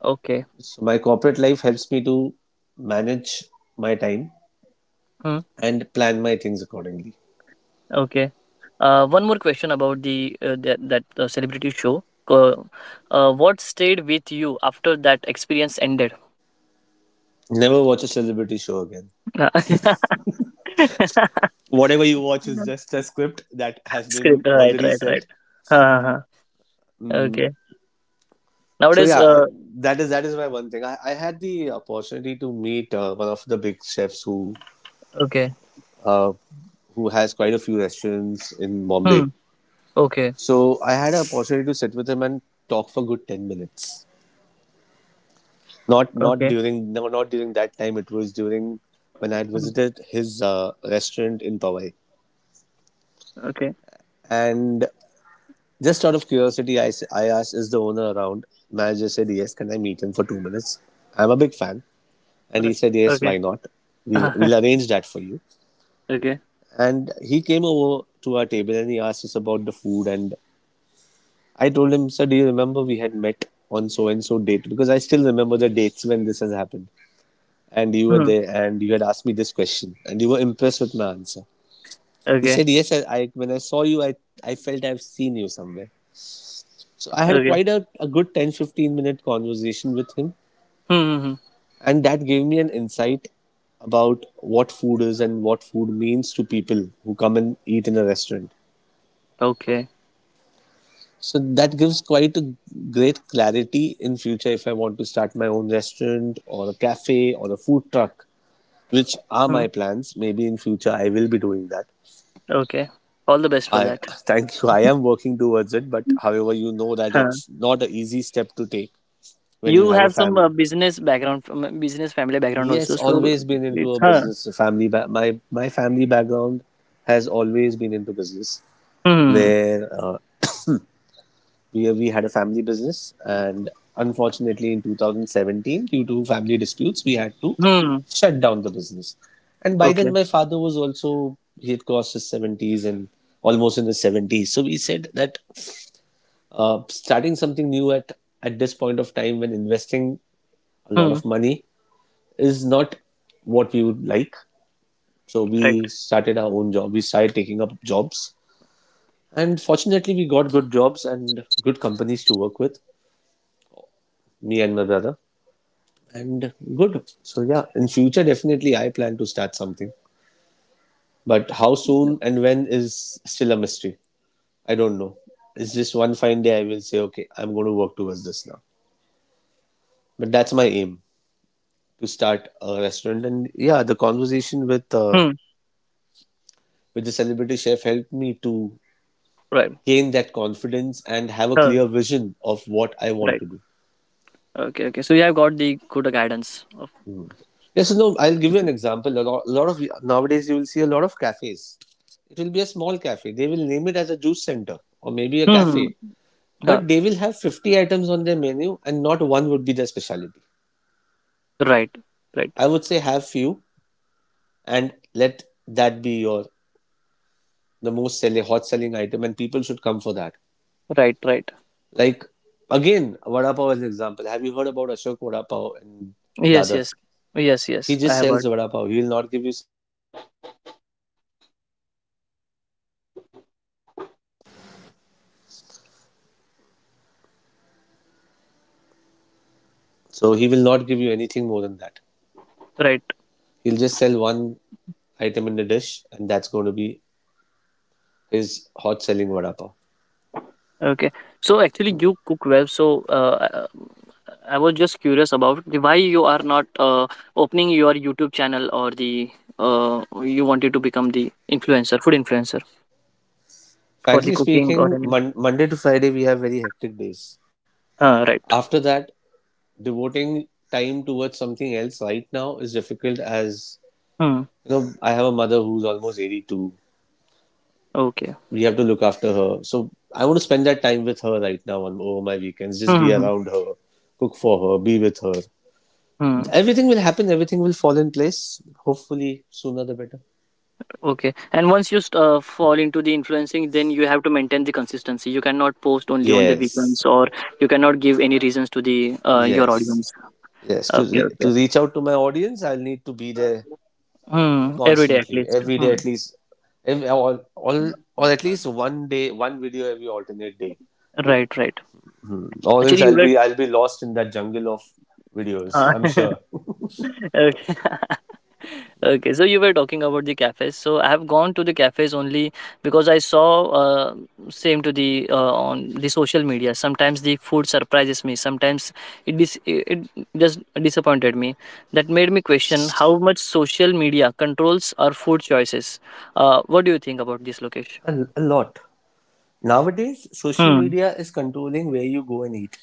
Speaker 1: Okay.
Speaker 2: So my corporate life helps me to manage my time and plan my things accordingly.
Speaker 1: Okay. One more question about the that that celebrity show. What stayed with you after that experience ended?
Speaker 2: Never watch a celebrity show again.
Speaker 1: Uh,
Speaker 2: Whatever you watch is just a script that has been
Speaker 1: Script, right,
Speaker 2: already
Speaker 1: right, right.
Speaker 2: set.
Speaker 1: Uh-huh.
Speaker 2: Mm,
Speaker 1: Okay.
Speaker 2: so
Speaker 1: Nowadays,
Speaker 2: yeah, that is my one thing. I had the opportunity to meet one of the big chefs
Speaker 1: okay.
Speaker 2: uh, who has quite a few restaurants in Bombay.
Speaker 1: Hmm. Okay.
Speaker 2: So I had an opportunity to sit with him and talk for a good 10 minutes. Not
Speaker 1: Okay.
Speaker 2: during, no, not during that time. It was during when I had
Speaker 1: Hmm.
Speaker 2: visited his restaurant in Powai,
Speaker 1: Okay.
Speaker 2: and just out of curiosity, I asked, is the owner around? Manager said, yes, can I meet him for 2 minutes? I'm a big fan. And he
Speaker 1: Right.
Speaker 2: said, yes,
Speaker 1: Okay.
Speaker 2: why not? We'll, we'll arrange that for you.
Speaker 1: okay.
Speaker 2: And he came over to our table and he asked us about the food. And I told him, sir, do you remember we had met on so and so date? Because I still remember the dates when this has happened. And you were
Speaker 1: Hmm.
Speaker 2: there and you had asked me this question and you were impressed with my answer. He
Speaker 1: Okay.
Speaker 2: said, yes, I when I saw you, I felt I've seen you somewhere. So I had
Speaker 1: Okay.
Speaker 2: quite a good 10-15 minute conversation with him,
Speaker 1: Hmm. Hmm, hmm.
Speaker 2: and that gave me an insight about what food is and what food means to people who come and eat in a restaurant.
Speaker 1: Okay.
Speaker 2: So that gives quite a great clarity in future if I want to start my own restaurant or a cafe or a food truck, which are
Speaker 1: Hmm.
Speaker 2: my plans. Maybe in future I will be doing that.
Speaker 1: Okay. All the best for
Speaker 2: I
Speaker 1: that.
Speaker 2: thank you. I am working towards it, but however, you know that it's not an easy step to take when you
Speaker 1: You
Speaker 2: have a
Speaker 1: have some
Speaker 2: family.
Speaker 1: business background, from business family background also.
Speaker 2: Yes,
Speaker 1: So
Speaker 2: always been into
Speaker 1: it's
Speaker 2: a
Speaker 1: her.
Speaker 2: business family. My my family background has always been into business,
Speaker 1: Hmm.
Speaker 2: where we had a family business, and unfortunately, in 2017, due to family disputes, we had to
Speaker 1: Hmm.
Speaker 2: shut down the business. And by then,
Speaker 1: Okay.
Speaker 2: my father was also he had crossed his 70s and almost in his 70s. So we said that starting something new at this point of time when investing a lot
Speaker 1: Hmm.
Speaker 2: of money is not what we would like. So
Speaker 1: Right.
Speaker 2: we started our own job. We started taking up jobs. And fortunately, we got good jobs and good companies to work with, me and my brother. And good. So, yeah, in future, definitely I plan to start something. But how soon and when is still a mystery. I don't know. It's just one fine day I will say, okay, I'm going to work towards this now. But that's my aim to start a restaurant. And yeah, the conversation
Speaker 1: Hmm.
Speaker 2: with the celebrity chef helped me to
Speaker 1: Right.
Speaker 2: gain that confidence and have a
Speaker 1: Huh.
Speaker 2: clear vision of what I want
Speaker 1: Right.
Speaker 2: to do.
Speaker 1: Okay. Okay. So you have got the good guidance. Of,
Speaker 2: Yes, so no, I'll give you an example. A lot of nowadays you will see a lot of cafes. It will be a small
Speaker 1: hmm.
Speaker 2: cafe. They will name it as a juice center or maybe a
Speaker 1: Hmm.
Speaker 2: cafe,
Speaker 1: Huh.
Speaker 2: but they will have 50 items on their menu and not one would be their specialty.
Speaker 1: Right. Right.
Speaker 2: I would say have few and let that be your the most selling hot selling item and people should come for that.
Speaker 1: Right. Right.
Speaker 2: Like again, vada pav as an example. Have you heard about Ashok vada pav in
Speaker 1: Yes.
Speaker 2: Dadar?
Speaker 1: Yes. Yes.
Speaker 2: He
Speaker 1: Yes. I
Speaker 2: just
Speaker 1: have
Speaker 2: sells
Speaker 1: heard.
Speaker 2: vada pav. He will not give you. So he will not give you anything more than that.
Speaker 1: Right.
Speaker 2: He'll just sell one item in the dish, and that's going to be his hot selling vada pav.
Speaker 1: Okay. So actually, you cook well. So I was just curious about the, why you are not opening your YouTube channel or the you wanted to become the influencer, food influencer for the
Speaker 2: Frankly
Speaker 1: cooking or
Speaker 2: speaking,
Speaker 1: any.
Speaker 2: Monday to Friday we have very hectic days.
Speaker 1: Right.
Speaker 2: After that, devoting time towards something else right now is difficult as
Speaker 1: Hmm.
Speaker 2: you know. I have a mother who's almost 82.
Speaker 1: Okay.
Speaker 2: We have to look after her, so I want to spend that time with her right now on over my weekends. Just
Speaker 1: Hmm.
Speaker 2: be
Speaker 1: Hmm.
Speaker 2: around her, cook for her, be with her.
Speaker 1: Hmm.
Speaker 2: Everything will happen, everything will fall in place, hopefully sooner the better.
Speaker 1: Okay. And once you fall into the influencing, then you have to maintain the consistency. You cannot post only on the weekends,
Speaker 2: Yes,
Speaker 1: or you cannot give any reasons to the your
Speaker 2: yes,
Speaker 1: audience.
Speaker 2: yes,
Speaker 1: Okay.
Speaker 2: to
Speaker 1: Okay.
Speaker 2: reach out to my audience, I'll need to be there
Speaker 1: Hmm. Every day at
Speaker 2: constantly
Speaker 1: least.
Speaker 2: every day
Speaker 1: Hmm.
Speaker 2: at least, every, or at least one day, one video every alternate day.
Speaker 1: Right, right.
Speaker 2: Hmm. Or else
Speaker 1: Actually, you were
Speaker 2: I'll be lost in that jungle of videos,
Speaker 1: uh,
Speaker 2: I'm sure.
Speaker 1: okay. Okay, so you were talking about the cafes. So I have gone to the cafes only because I saw same to the on the social media. Sometimes the food surprises me. Sometimes it just disappointed me. That made me question how much social media controls our food choices. What do you think about this, Lokesh?
Speaker 2: A lot. Nowadays social
Speaker 1: Hmm.
Speaker 2: media is controlling where you go and eat.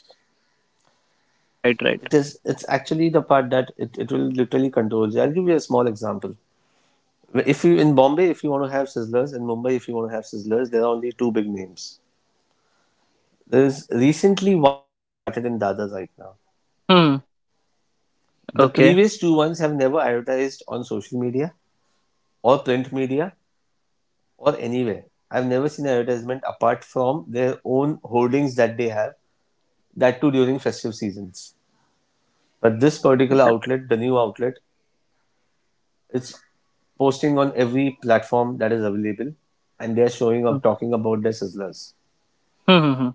Speaker 1: Right, right.
Speaker 2: It is, it's actually the part that it will literally control you. I'll give you a small example. If you in Bombay, if you want to have sizzlers, In Mumbai, if you want to have sizzlers, there are only two big names. There's recently one which is started in Dada's right now.
Speaker 1: Hmm.
Speaker 2: The
Speaker 1: Okay.
Speaker 2: previous two ones have never advertised on social media or print media or anywhere. I've never seen advertisement apart from their own holdings that they have, that too during festive seasons. But this particular outlet, the new outlet, it's posting on every platform that is available, and they're showing
Speaker 1: Hmm.
Speaker 2: or talking about their sizzlers.
Speaker 1: Hmm. Hmm, hmm.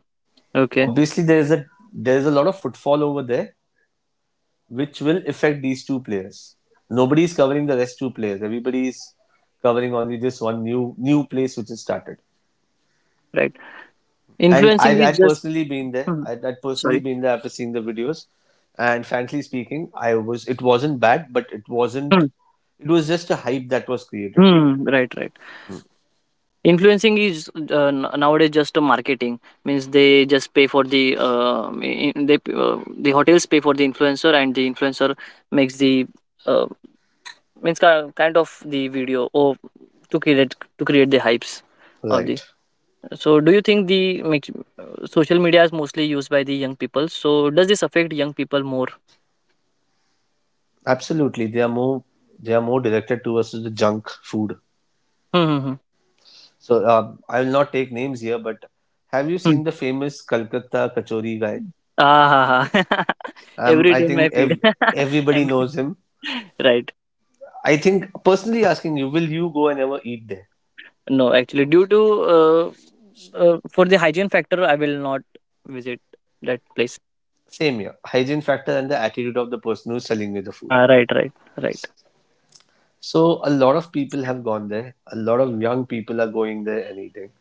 Speaker 1: Okay.
Speaker 2: Obviously, there is a lot of footfall over there, which will affect these two players. Nobody is covering the rest two players. Everybody is covering only this one new place which is started.
Speaker 1: Right.
Speaker 2: And
Speaker 1: Influencing
Speaker 2: I
Speaker 1: is just
Speaker 2: personally been there.
Speaker 1: hmm,
Speaker 2: I would personally
Speaker 1: sorry.
Speaker 2: been there after seeing the videos. And frankly speaking, I was it wasn't bad, but it wasn't.
Speaker 1: Hmm,
Speaker 2: It was just a hype that was created.
Speaker 1: hmm, right, right. Influencing is nowadays just a marketing means they just pay for the the hotels pay for the influencer and the influencer makes the uh, means kind of the video or to create the hypes of the.
Speaker 2: Right.
Speaker 1: So do you think the make, social media is mostly used by the young people? So does this affect young people more?
Speaker 2: Absolutely. They are more directed towards the junk food.
Speaker 1: Hmm, hmm, hmm.
Speaker 2: So I will not take names here, but have you
Speaker 1: Hmm.
Speaker 2: seen the famous Kolkata Kachori guy?
Speaker 1: Ah, ha, ha.
Speaker 2: Um,
Speaker 1: Every
Speaker 2: I
Speaker 1: day in my
Speaker 2: think
Speaker 1: feed.
Speaker 2: ev- Everybody
Speaker 1: And
Speaker 2: knows him.
Speaker 1: right.
Speaker 2: I think personally asking you, will you go and ever eat there?
Speaker 1: No, actually, due to uh, for the hygiene factor, I will not visit that place.
Speaker 2: Same here, hygiene factor and the attitude of the person who's selling you the food.
Speaker 1: Ah, right, right, right,
Speaker 2: So a lot of people have gone there. A lot of young people are going there and eating,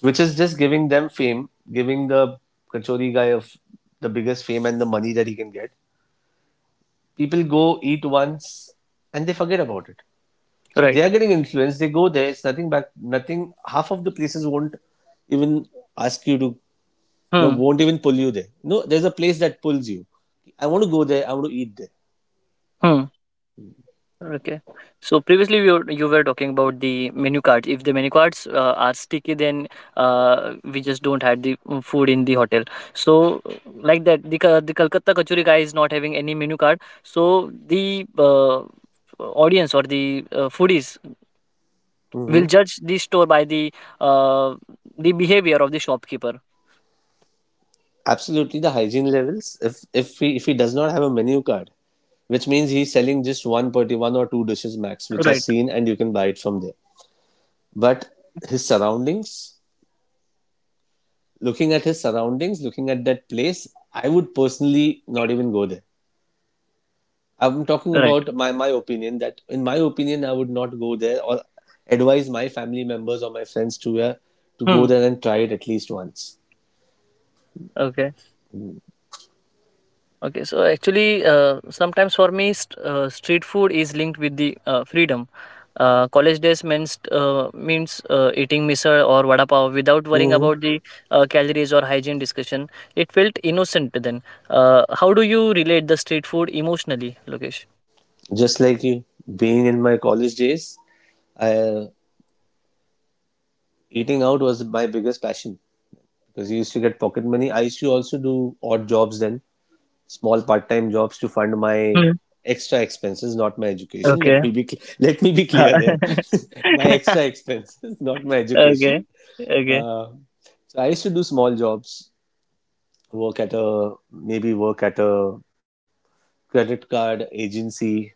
Speaker 2: which is just giving them fame, giving the Kachori guy of the biggest fame and the money that he can get. People go eat once and they forget about it. So
Speaker 1: right.
Speaker 2: they are getting influenced. They go there. It's nothing back. Nothing. Half of the places won't even ask you to. You know,
Speaker 1: Hmm.
Speaker 2: won't even pull you there. No, there's a place that pulls you. I want to go there. I want to eat there.
Speaker 1: Hmm. Okay. So previously you were talking about the menu cards. If the menu cards are sticky, then we just don't have the mm, food in the hotel. So like that, the Kolkata Kachori guy is not having any menu card. So the audience or the foodies
Speaker 2: Hmm.
Speaker 1: will judge the store by uh, the behavior of the shopkeeper.
Speaker 2: Absolutely, the hygiene levels. If he, does not have a menu card, which means he's selling just one party, one or two dishes max, which are
Speaker 1: Right,
Speaker 2: seen and you can buy it from there. But his surroundings, looking at his surroundings, looking at that place, I would personally not even go there. I'm talking
Speaker 1: right.
Speaker 2: about my opinion, that in my opinion I would not go there or advise my family members or my friends to go
Speaker 1: Hmm.
Speaker 2: there and try it at least once.
Speaker 1: Okay. Okay, so actually, sometimes for me, street food is linked with the freedom. College days means eating misal or vada pav without worrying
Speaker 2: Mm-hmm.
Speaker 1: about the calories or hygiene discussion. It felt innocent then. How do you relate the street food emotionally, Lokesh?
Speaker 2: Just like you, being in my college days, I, eating out was my biggest passion because you used to get pocket money. I used to also do odd jobs then, small part-time jobs to fund my
Speaker 1: Hmm.
Speaker 2: extra expenses, not my education. Let
Speaker 1: Okay.
Speaker 2: me be cl- let me be clear there. My extra expenses, not my education.
Speaker 1: okay. Okay.
Speaker 2: Uh, so I used to do small jobs, work at a credit card agency,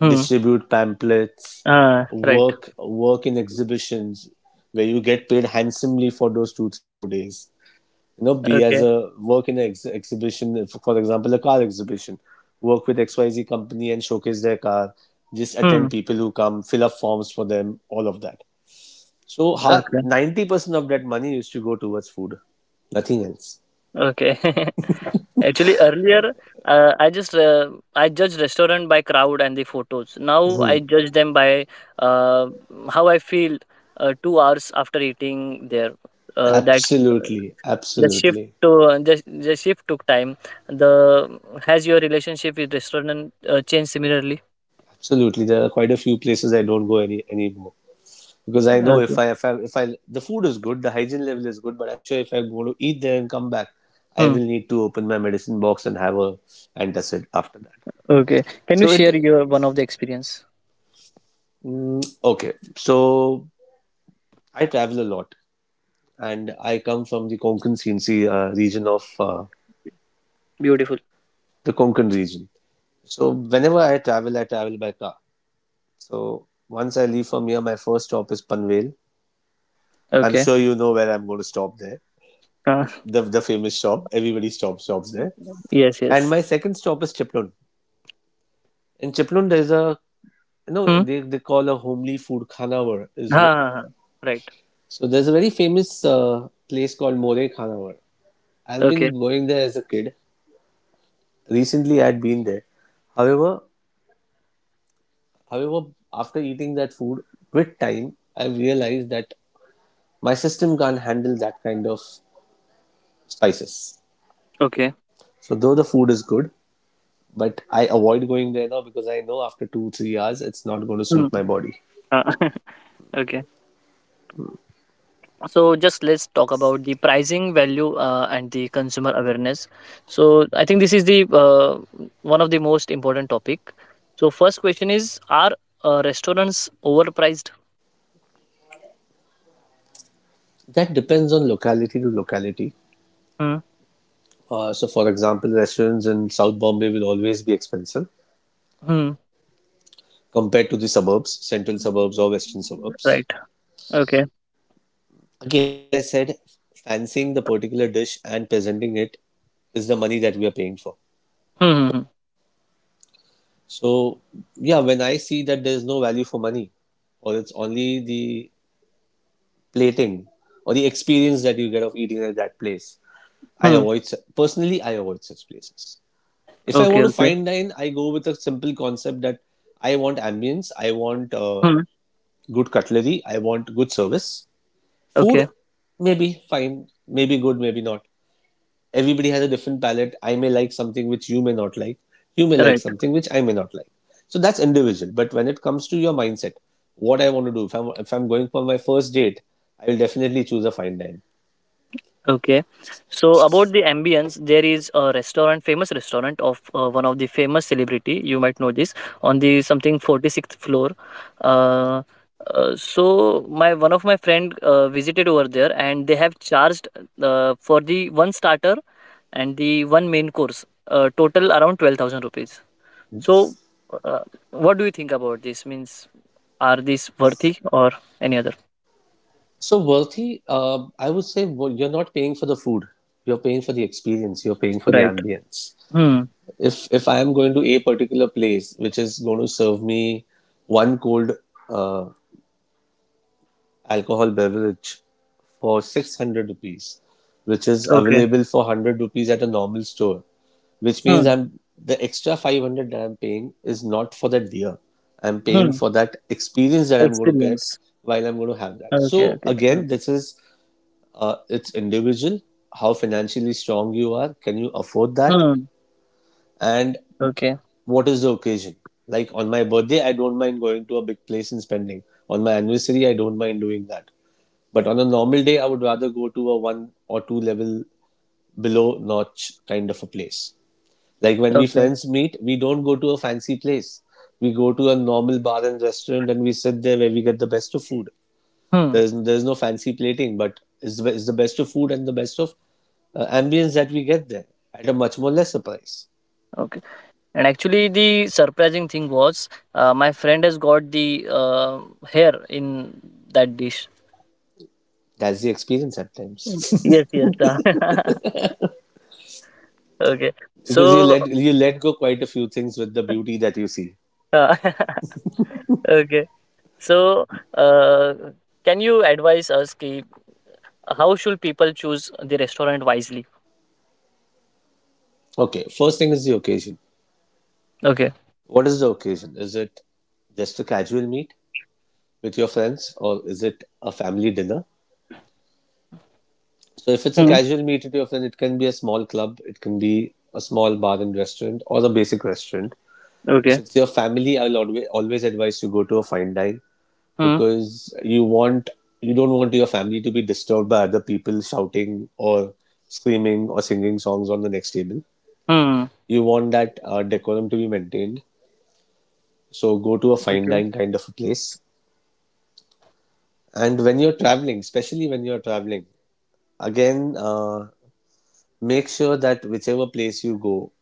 Speaker 1: Hmm.
Speaker 2: distribute pamphlets,
Speaker 1: Ah. Right.
Speaker 2: work in exhibitions where you get paid handsomely for those two, three, 4 days. You know, be as
Speaker 1: Okay.
Speaker 2: a work in an exhibition, for example, a car exhibition. Work with XYZ company and showcase their car. Just
Speaker 1: Hmm.
Speaker 2: attend people who come, fill up forms for them, all of that. So,
Speaker 1: Okay.
Speaker 2: 90% of that money used to go towards food, nothing else.
Speaker 1: Okay. Actually, earlier uh, I just uh, I judged restaurant by crowd and the photos. Now I
Speaker 2: Mhm.
Speaker 1: judge them by uh, how I feel 2 hours after eating there. That
Speaker 2: Absolutely, absolutely,
Speaker 1: the shift took time. The has your relationship with restaurant changed similarly?
Speaker 2: absolutely. There are quite a few places I don't go anymore because I know
Speaker 1: Okay.
Speaker 2: if I the food is good, the hygiene level is good, but I'm sure if I go to eat there and come back, I
Speaker 1: Hmm.
Speaker 2: will need to open my medicine box and have a antacid after that.
Speaker 1: Okay. Can you
Speaker 2: So it
Speaker 1: share your one of the experience?
Speaker 2: okay. So I travel a lot, and I come from the Konkan Sinsi region of
Speaker 1: Beautiful.
Speaker 2: the Konkan region. So whenever I travel by car. So once I leave from here, my first stop is Panvel. I'm
Speaker 1: Okay.
Speaker 2: sure you know where I'm going to stop there.
Speaker 1: Uh,
Speaker 2: The famous shop. Everybody stops there.
Speaker 1: yes.
Speaker 2: And
Speaker 1: Yes.
Speaker 2: my second stop is Chiplun. In Chiplun, there's a you know
Speaker 1: Hmm.
Speaker 2: they call a homely food khanawar
Speaker 1: Ha, ha, ha. Right.
Speaker 2: so there's a very famous place called More Khanawar. I've
Speaker 1: Okay.
Speaker 2: been going there as a kid. Recently, I'd been there. However, however, after eating that food with time, I've realized that my system can't handle that kind of spices.
Speaker 1: Okay.
Speaker 2: So though the food is good, but I avoid going there now because I know after 2-3 hours it's not going to
Speaker 1: Hmm.
Speaker 2: suit my body.
Speaker 1: Uh, Okay. So just let's talk about the pricing value and the consumer awareness. So I think this is the one of the most important topic. So first question is are restaurants overpriced?
Speaker 2: That depends on locality to locality.
Speaker 1: Hmm.
Speaker 2: For example, restaurants in South Bombay will always be expensive
Speaker 1: Hmm.
Speaker 2: compared to the suburbs, central suburbs or western suburbs.
Speaker 1: Right. Okay.
Speaker 2: Again, as I said, fancying the particular dish and presenting it is the money that we are paying for.
Speaker 1: Hmm. Hmm. Hmm.
Speaker 2: So, yeah, when I see that there's no value for money, or it's only the plating or the experience that you get of eating at that place, I
Speaker 1: Hmm.
Speaker 2: avoid personally. I avoid such places. If I
Speaker 1: Okay.
Speaker 2: want to
Speaker 1: Okay.
Speaker 2: fine dine, I go with a simple concept that I want ambience, I want
Speaker 1: Hmm.
Speaker 2: good cutlery, I want good service. Food,
Speaker 1: Okay.
Speaker 2: maybe fine, maybe good, maybe not. Everybody has a different palate. I may like something which you may not like. You may like
Speaker 1: Right.
Speaker 2: something which I may not like. So that's individual. But when it comes to your mindset, what I want to do, if I'm going for my first date, I will definitely choose a fine dine.
Speaker 1: Okay. So about the ambience, there is a restaurant, famous restaurant of one of the famous celebrity. You might know this on the something 46th floor. Uh, so my one of my friend visited over there, and they have charged for the one starter and the one main course, total around 12,000 rupees. So, uh, what do you think about this? Means are these worthy or any other?
Speaker 2: So worthy, I would say you're not paying for the food. You're paying for the experience. You're paying for the
Speaker 1: Right.
Speaker 2: ambience.
Speaker 1: Hmm.
Speaker 2: If I am going to a particular place which is going to serve me one cold uh, alcohol beverage for 600 rupees, which is
Speaker 1: Okay.
Speaker 2: available for hundred rupees at a normal store, which means
Speaker 1: Hmm.
Speaker 2: I'm the extra 500 that I'm paying is not for that beer. I'm paying
Speaker 1: Hmm.
Speaker 2: for that experience that I'm going to get
Speaker 1: Experience.
Speaker 2: while I'm going to have that.
Speaker 1: Okay,
Speaker 2: So
Speaker 1: okay,
Speaker 2: again,
Speaker 1: okay.
Speaker 2: this is it's individual, how financially strong you are, can you afford that,
Speaker 1: Hmm.
Speaker 2: and
Speaker 1: Okay,
Speaker 2: what is the occasion. Like on my birthday, I don't mind going to a big place and spending. On my anniversary, I don't mind doing that. But on a normal day, I would rather go to a one or two level below notch kind of a place. Like when we
Speaker 1: okay.
Speaker 2: friends meet, we don't go to a fancy place. We go to a normal bar and restaurant and we sit there where we get the best of food.
Speaker 1: Hmm.
Speaker 2: There's no fancy plating, but it's the best of food and the best of ambience that we get there at a much more lesser price.
Speaker 1: Okay. And actually, the surprising thing was, my friend has got the hair in that dish.
Speaker 2: That's the experience at
Speaker 1: Mm.
Speaker 2: times
Speaker 1: Yes, yes. Uh, okay.
Speaker 2: because you
Speaker 1: So,
Speaker 2: let you let go quite a few things with the beauty that you see.
Speaker 1: uh, okay. So, uh, can you advise us ki, how should people choose the restaurant wisely?
Speaker 2: Okay, first thing is the occasion.
Speaker 1: Okay.
Speaker 2: What is the occasion? Is it just a casual meet with your friends or is it a family dinner? So if it's a
Speaker 1: Hmm.
Speaker 2: casual meet with your friend, it can be a small club, it can be a small bar and restaurant or a basic restaurant. If
Speaker 1: Okay.
Speaker 2: it's your family, I'll always advise you go to a fine dine
Speaker 1: Hmm.
Speaker 2: because you want you don't want your family to be disturbed by other people shouting or screaming or singing songs on the next table.
Speaker 1: Hmm.
Speaker 2: You want that decorum to be maintained. So go to a fine
Speaker 1: Okay.
Speaker 2: dine kind of a place. And when you're
Speaker 1: Okay.
Speaker 2: traveling, especially when you're traveling, again, make sure that whichever place you go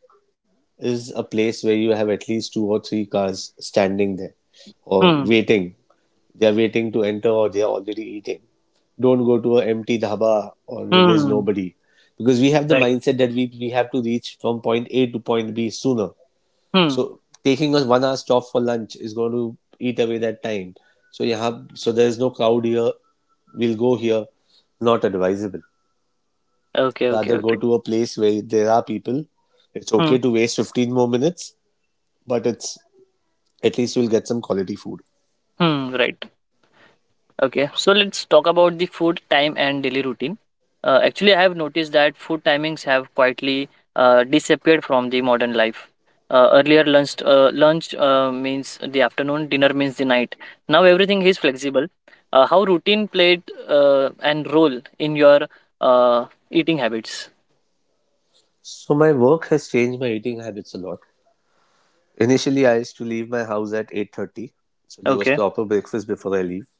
Speaker 2: is a place where you have at least 2 or 3 cars standing there or
Speaker 1: Hmm.
Speaker 2: waiting. They are waiting to enter or they are already eating. Don't go to an empty dhaba or there's
Speaker 1: Hmm.
Speaker 2: nobody. Because we have the
Speaker 1: Right.
Speaker 2: mindset that we have to reach from point A to point B sooner.
Speaker 1: Hmm.
Speaker 2: So taking a 1 hour stop for lunch is going to eat away that time. So yeah, so there is no crowd here. We'll go here. Not advisable.
Speaker 1: Okay. Okay.
Speaker 2: Rather go
Speaker 1: Okay.
Speaker 2: to a place where there are people. It's
Speaker 1: Hmm.
Speaker 2: okay to waste 15 more minutes, but it's at least you'll get some quality food.
Speaker 1: Hmm, right. Okay. So let's talk about the food time and daily routine. Actually, I have noticed that food timings have quietly disappeared from the modern life. Earlier, lunch means the afternoon, dinner means the night. Now everything is flexible. How routine played an role in your eating habits?
Speaker 2: So my work has changed my eating habits a lot. Initially, I used to leave my house at 8:30, so there was
Speaker 1: Okay.
Speaker 2: proper breakfast before I leave.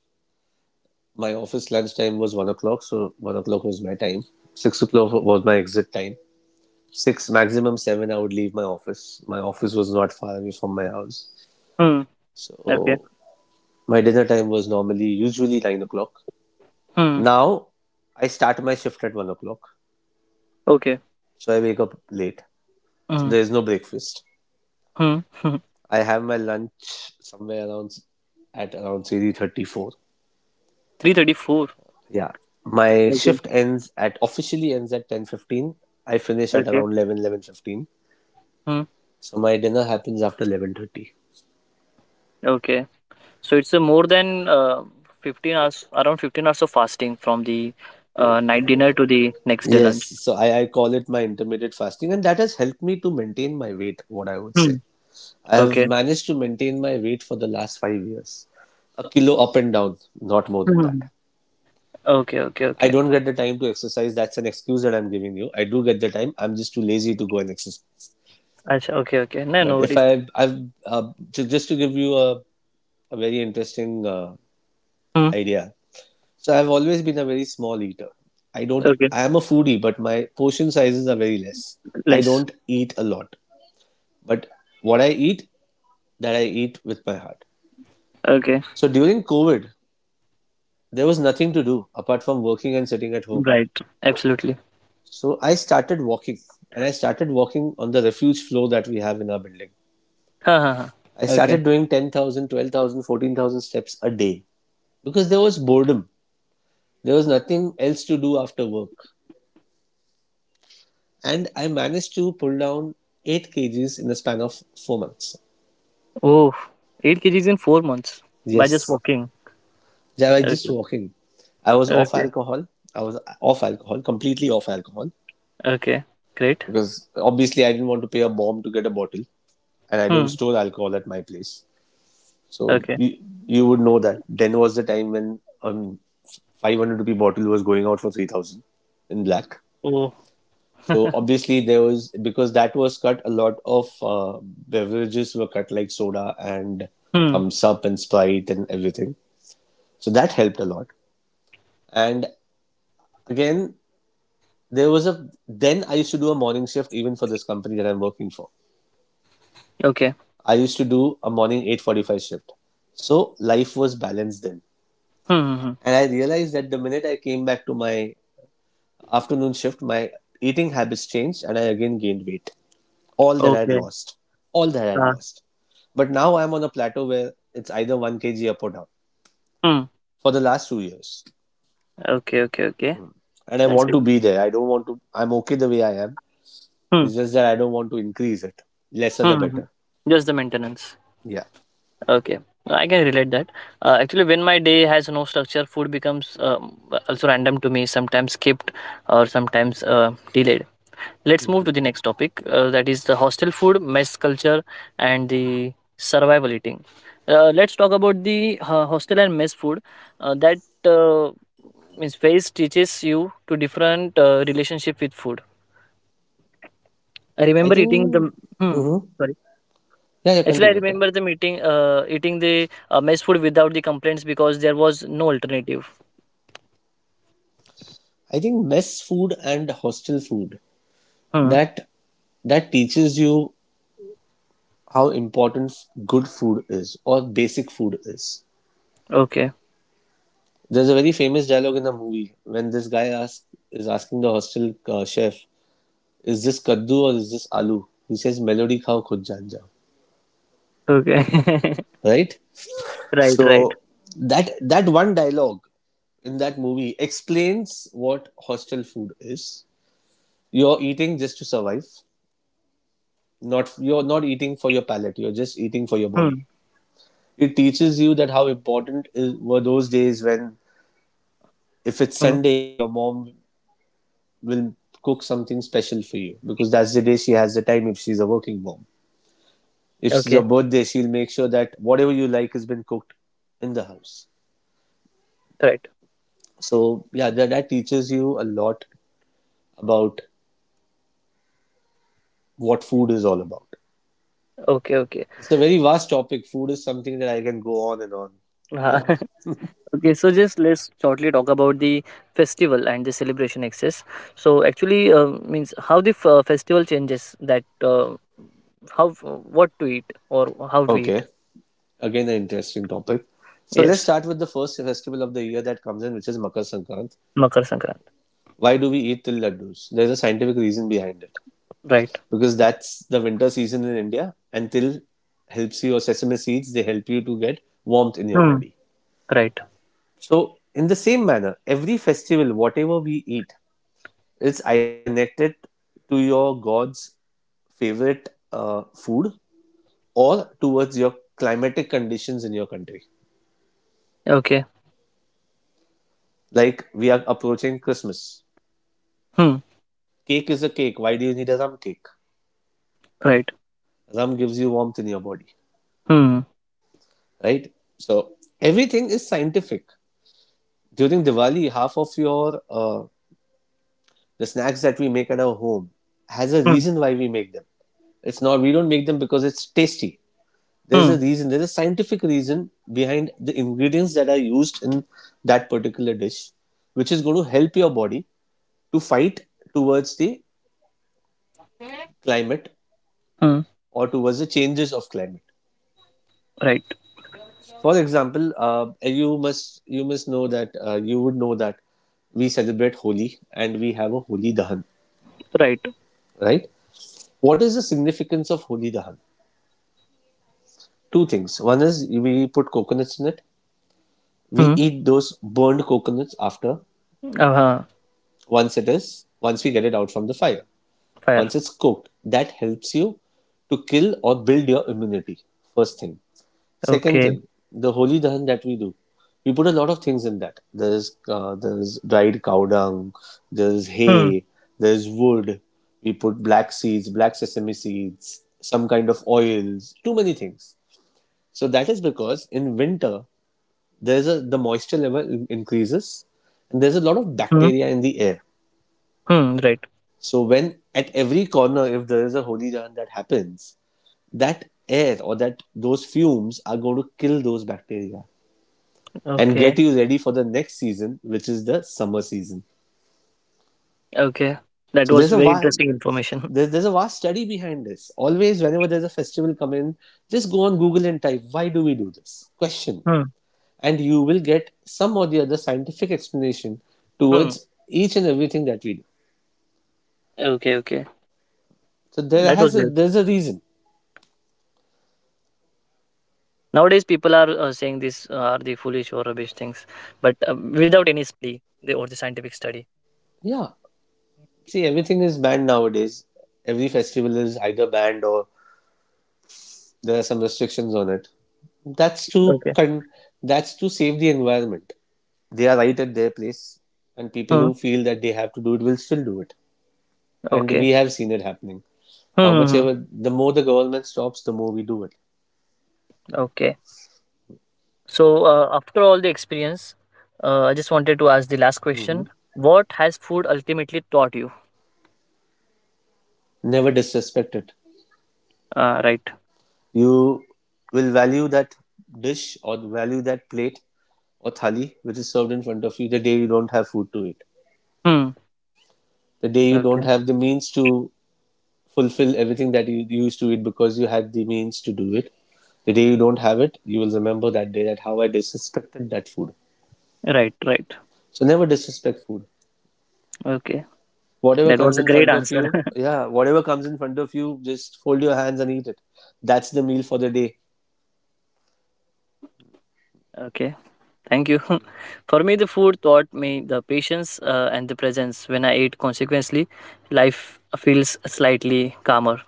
Speaker 2: My office lunch time was 1 o'clock, so 1 o'clock was my time. 6 o'clock was my exit time. 6 maximum 7, I would leave my office. My office was not far away from my house,
Speaker 1: Hmm. Okay.
Speaker 2: so my dinner time was normally usually 9 o'clock.
Speaker 1: Hmm.
Speaker 2: Now I start my shift at 1 o'clock,
Speaker 1: Okay.
Speaker 2: so I wake up late. So
Speaker 1: Hmm.
Speaker 2: there is no breakfast.
Speaker 1: Hmm.
Speaker 2: I have my lunch somewhere around at around three thirty four.
Speaker 1: Three thirty four.
Speaker 2: Yeah. My
Speaker 1: Okay.
Speaker 2: shift ends at officially ends at 10:15. I finish at
Speaker 1: Okay.
Speaker 2: around 11, 11:15.
Speaker 1: Hmm.
Speaker 2: So my dinner happens after 11:30.
Speaker 1: Okay. So it's a more than 15 hours, around 15 hours of fasting from the night dinner to the next day
Speaker 2: Yes,
Speaker 1: lunch.
Speaker 2: so I call it my intermittent fasting, and that has helped me to maintain my weight, what I would say.
Speaker 1: Hmm.
Speaker 2: I have
Speaker 1: Okay.
Speaker 2: managed to maintain my weight for the last 5 years. A kilo up and down, not more than that.
Speaker 1: Hmm. Okay. Okay.
Speaker 2: I
Speaker 1: Okay.
Speaker 2: don't get the time to exercise. That's an excuse that I'm giving you. I do get the time. I'm just too lazy to go and exercise.
Speaker 1: Acha, okay. Okay. No, no
Speaker 2: But if
Speaker 1: worries.
Speaker 2: I, I've, ju- just to give you a very interesting
Speaker 1: Hmm.
Speaker 2: idea, so I've always been a very small eater. I don't
Speaker 1: Okay.
Speaker 2: I am a foodie, but my portion sizes are very less. I
Speaker 1: Less.
Speaker 2: don't eat a lot, but what I eat, that I eat with my heart.
Speaker 1: Okay.
Speaker 2: So during COVID, there was nothing to do apart from working and sitting at home.
Speaker 1: Right. Absolutely.
Speaker 2: So I started walking and I started walking on the refuge floor that we have in our building.
Speaker 1: Ha, ha, ha.
Speaker 2: I
Speaker 1: Okay.
Speaker 2: started doing 10,000, 12,000, 14,000 steps a day because there was boredom. There was nothing else to do after work, and I managed to pull down 8 kgs in the span of 4 months.
Speaker 1: Oh, eight 8 kgs in 4 months by just
Speaker 2: Yes,
Speaker 1: walking.
Speaker 2: that was just
Speaker 1: Okay.
Speaker 2: walking. I was off
Speaker 1: Okay.
Speaker 2: alcohol. I was off alcohol, completely off alcohol,
Speaker 1: Okay. Great.
Speaker 2: because obviously I didn't want to pay a bomb to get a bottle, and I don't
Speaker 1: Hmm.
Speaker 2: store alcohol at my place. So
Speaker 1: Okay.
Speaker 2: you would know that. Then was the time when 500 rupee bottle was going out for 3,000 in black.
Speaker 1: Oh.
Speaker 2: So obviously there was because that was cut. A lot of beverages were cut, like soda and
Speaker 1: Hmm.
Speaker 2: thumbs up and Sprite and everything. So that helped a lot. And again, there was a then I used to do a morning shift even for this company that I'm working for.
Speaker 1: Okay.
Speaker 2: I used to do a morning 8:45 shift. So life was balanced then.
Speaker 1: Hmm. Hmm, hmm.
Speaker 2: And I realized that the minute I came back to my afternoon shift, my eating habits changed and I again gained weight. All that I had
Speaker 1: Okay.
Speaker 2: lost. All that I had
Speaker 1: Uh,
Speaker 2: lost. But now I'm on a plateau where it's either 1 kg up or down
Speaker 1: hmm.
Speaker 2: for the last 2 years.
Speaker 1: Okay. Okay. Okay.
Speaker 2: Hmm. And I
Speaker 1: That's
Speaker 2: want
Speaker 1: good.
Speaker 2: to be there. I don't want to, I'm okay the way I am.
Speaker 1: Hmm.
Speaker 2: It's just that I don't want to increase it. Lesser the
Speaker 1: Hmm.
Speaker 2: better.
Speaker 1: Just the maintenance.
Speaker 2: Yeah.
Speaker 1: Okay, I can relate that. Actually, when my day has no structure, food becomes also random to me. Sometimes skipped or sometimes delayed. Let's move
Speaker 2: Mm-hmm.
Speaker 1: to the next topic. That is the hostel food, mess culture, and the survival eating. Let's talk about the hostel and mess food. That uh, means phase teaches you to different relationship with food. I
Speaker 2: I
Speaker 1: remember eating
Speaker 2: think,
Speaker 1: the. Hmm.
Speaker 2: mhm,
Speaker 1: Sorry.
Speaker 2: yeah,
Speaker 1: Actually, I
Speaker 2: continue. Okay.
Speaker 1: remember eating the mess food without the complaints because there was no alternative.
Speaker 2: I think mess food and hostel food
Speaker 1: Hmm.
Speaker 2: that that teaches you how important good food is or basic food is.
Speaker 1: Okay.
Speaker 2: There's a very famous dialogue in the movie when this guy asks is asking the hostel chef, is this kaddu or is this aloo? He says, melody khao khud jaan jao.
Speaker 1: Okay.
Speaker 2: Right?
Speaker 1: right. Right.
Speaker 2: So that one dialogue in that movie explains what hostel food is. You're eating just to survive. Not you're not eating for your palate. You're just eating for your body.
Speaker 1: Hmm.
Speaker 2: It teaches you that how important is, were those days when if it's
Speaker 1: Hmm.
Speaker 2: Sunday, your mom will cook something special for you because that's the day she has the time if she's a working mom. If it's
Speaker 1: Okay.
Speaker 2: your birthday, she'll make sure that whatever you like has been cooked in the house.
Speaker 1: Right.
Speaker 2: So yeah, that teaches you a lot about what food is all about.
Speaker 1: Okay. Okay.
Speaker 2: It's a very vast topic. Food is something that I can go on and on.
Speaker 1: Uh,
Speaker 2: Yeah.
Speaker 1: okay. So just let's shortly talk about the festival and the celebration access. So actually, means how festival changes that how what to eat or how do we eat?
Speaker 2: Okay, again an interesting topic. So let's
Speaker 1: Yes.
Speaker 2: start with the first festival of the year that comes in which is makar Sankranti.
Speaker 1: Makar Sankranti.
Speaker 2: Why do we eat till laddus? There's a scientific reason behind it
Speaker 1: Right.
Speaker 2: because that's the winter season in india and till helps you or sesame seeds, they help you to get warmth in your
Speaker 1: Hmm.
Speaker 2: body.
Speaker 1: Right.
Speaker 2: So, in the same manner, every festival, whatever we eat, it's either connected to your God's favorite food or towards your climatic conditions in your country.
Speaker 1: Okay.
Speaker 2: Like we are approaching Christmas.
Speaker 1: Hmm.
Speaker 2: Cake is a cake. Why do you need a rum cake?
Speaker 1: Right.
Speaker 2: Rum gives you warmth in your body,
Speaker 1: Hmm.
Speaker 2: right? So everything is scientific. During Diwali, half of your the snacks that we make at our home has a
Speaker 1: Hmm.
Speaker 2: reason why we make them. It's not we don't make them because it's tasty. There's
Speaker 1: Hmm.
Speaker 2: a reason, there's a scientific reason behind the ingredients that are used in that particular dish which is going to help your body to fight towards the climate
Speaker 1: Hmm.
Speaker 2: or towards the changes of climate.
Speaker 1: Right,
Speaker 2: For example, you must know that you would know that we celebrate holi and we have a holi dahan,
Speaker 1: right.
Speaker 2: right? What is the significance of holi dahan? Two things. One is we put coconuts in it. We
Speaker 1: Hmm.
Speaker 2: eat those burned coconuts after
Speaker 1: Uh-huh.
Speaker 2: once it is once we get it out from the fire,
Speaker 1: Fire.
Speaker 2: once it's cooked, that helps you to kill or build your immunity. First thing. Second
Speaker 1: Okay.
Speaker 2: thing, the holy dahan that we do, we put a lot of things in that. There's there's dried cow dung, there's
Speaker 1: Hmm.
Speaker 2: hay, there's wood, we put black seeds, black sesame seeds, some kind of oils, too many things. So that is because in winter there's a the moisture level increases and there's a lot of
Speaker 1: Hmm.
Speaker 2: bacteria in the air.
Speaker 1: Hmm. Right.
Speaker 2: So when at every corner if there is a holy dahan that happens, that air or that those fumes are going to kill those bacteria and
Speaker 1: Okay.
Speaker 2: get you ready for the next season, which is the summer season.
Speaker 1: Okay. That
Speaker 2: So
Speaker 1: was
Speaker 2: there's a
Speaker 1: very
Speaker 2: vast
Speaker 1: interesting information.
Speaker 2: there's a vast study behind this. Always, whenever there's a festival come in, just go on Google and type why do we do this question,
Speaker 1: Hmm.
Speaker 2: and you will get some or the other scientific explanation
Speaker 1: Hmm.
Speaker 2: towards each and everything that we do.
Speaker 1: Okay. Okay.
Speaker 2: So
Speaker 1: That was great.
Speaker 2: there's a reason.
Speaker 1: Nowadays, people are saying these are the foolish or rubbish things, but
Speaker 2: Yeah. See, everything is banned nowadays. Every festival is either banned or there are some restrictions on it. That's to
Speaker 1: okay.
Speaker 2: con- that's to save the environment. They are right at their place, and people
Speaker 1: Hmm.
Speaker 2: who feel that they have to do it will still do it. And
Speaker 1: Okay.
Speaker 2: we have seen it happening.
Speaker 1: Hmm.
Speaker 2: How much
Speaker 1: Hmm, hmm.
Speaker 2: ever, the more the government stops, the more we do it.
Speaker 1: Okay. So, after all the experience, I just wanted to ask the last
Speaker 2: Hmm.
Speaker 1: question. What has food ultimately taught you?
Speaker 2: Never disrespect it.
Speaker 1: Right.
Speaker 2: You will value that dish or value that plate or thali which is served in front of you the day you don't have food to eat,
Speaker 1: Hmm.
Speaker 2: the day you don't
Speaker 1: Okay.
Speaker 2: have the means to fulfill everything that you used to eat because you had the means to do it. The day you don't have it, you will remember that day that how I disrespected that food.
Speaker 1: Right. Right.
Speaker 2: So never disrespect food.
Speaker 1: Okay.
Speaker 2: Whatever
Speaker 1: That was
Speaker 2: comes
Speaker 1: a
Speaker 2: in
Speaker 1: great
Speaker 2: front of
Speaker 1: answer.
Speaker 2: you, yeah, whatever comes in front of you, just fold your hands and eat it. That's the meal for the day.
Speaker 1: okay. Thank you. For me, the food taught me the patience and the presence. When I ate consequently, life feels slightly calmer.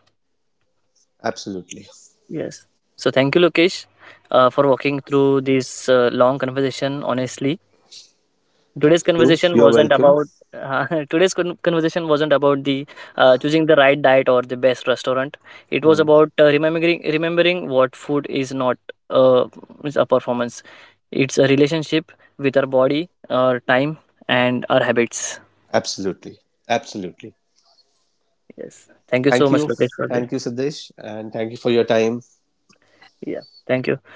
Speaker 2: Absolutely.
Speaker 1: Yes. So, thank you, Lokesh, for walking through this long conversation honestly. Today's
Speaker 2: Thank you.
Speaker 1: conversation
Speaker 2: You're
Speaker 1: wasn't
Speaker 2: welcome.
Speaker 1: about today's con- conversation wasn't about the choosing the right diet or the best restaurant. It was
Speaker 2: Hmm.
Speaker 1: about remembering what food is not, uh, is a performance, it's a relationship with our body, our time, and our habits.
Speaker 2: Absolutely. Absolutely.
Speaker 1: Yes, thank you so
Speaker 2: Thank
Speaker 1: much,
Speaker 2: you.
Speaker 1: Lokesh, for this.
Speaker 2: Thank you, Siddesh. And thank you for your time.
Speaker 1: Yeah, thank you.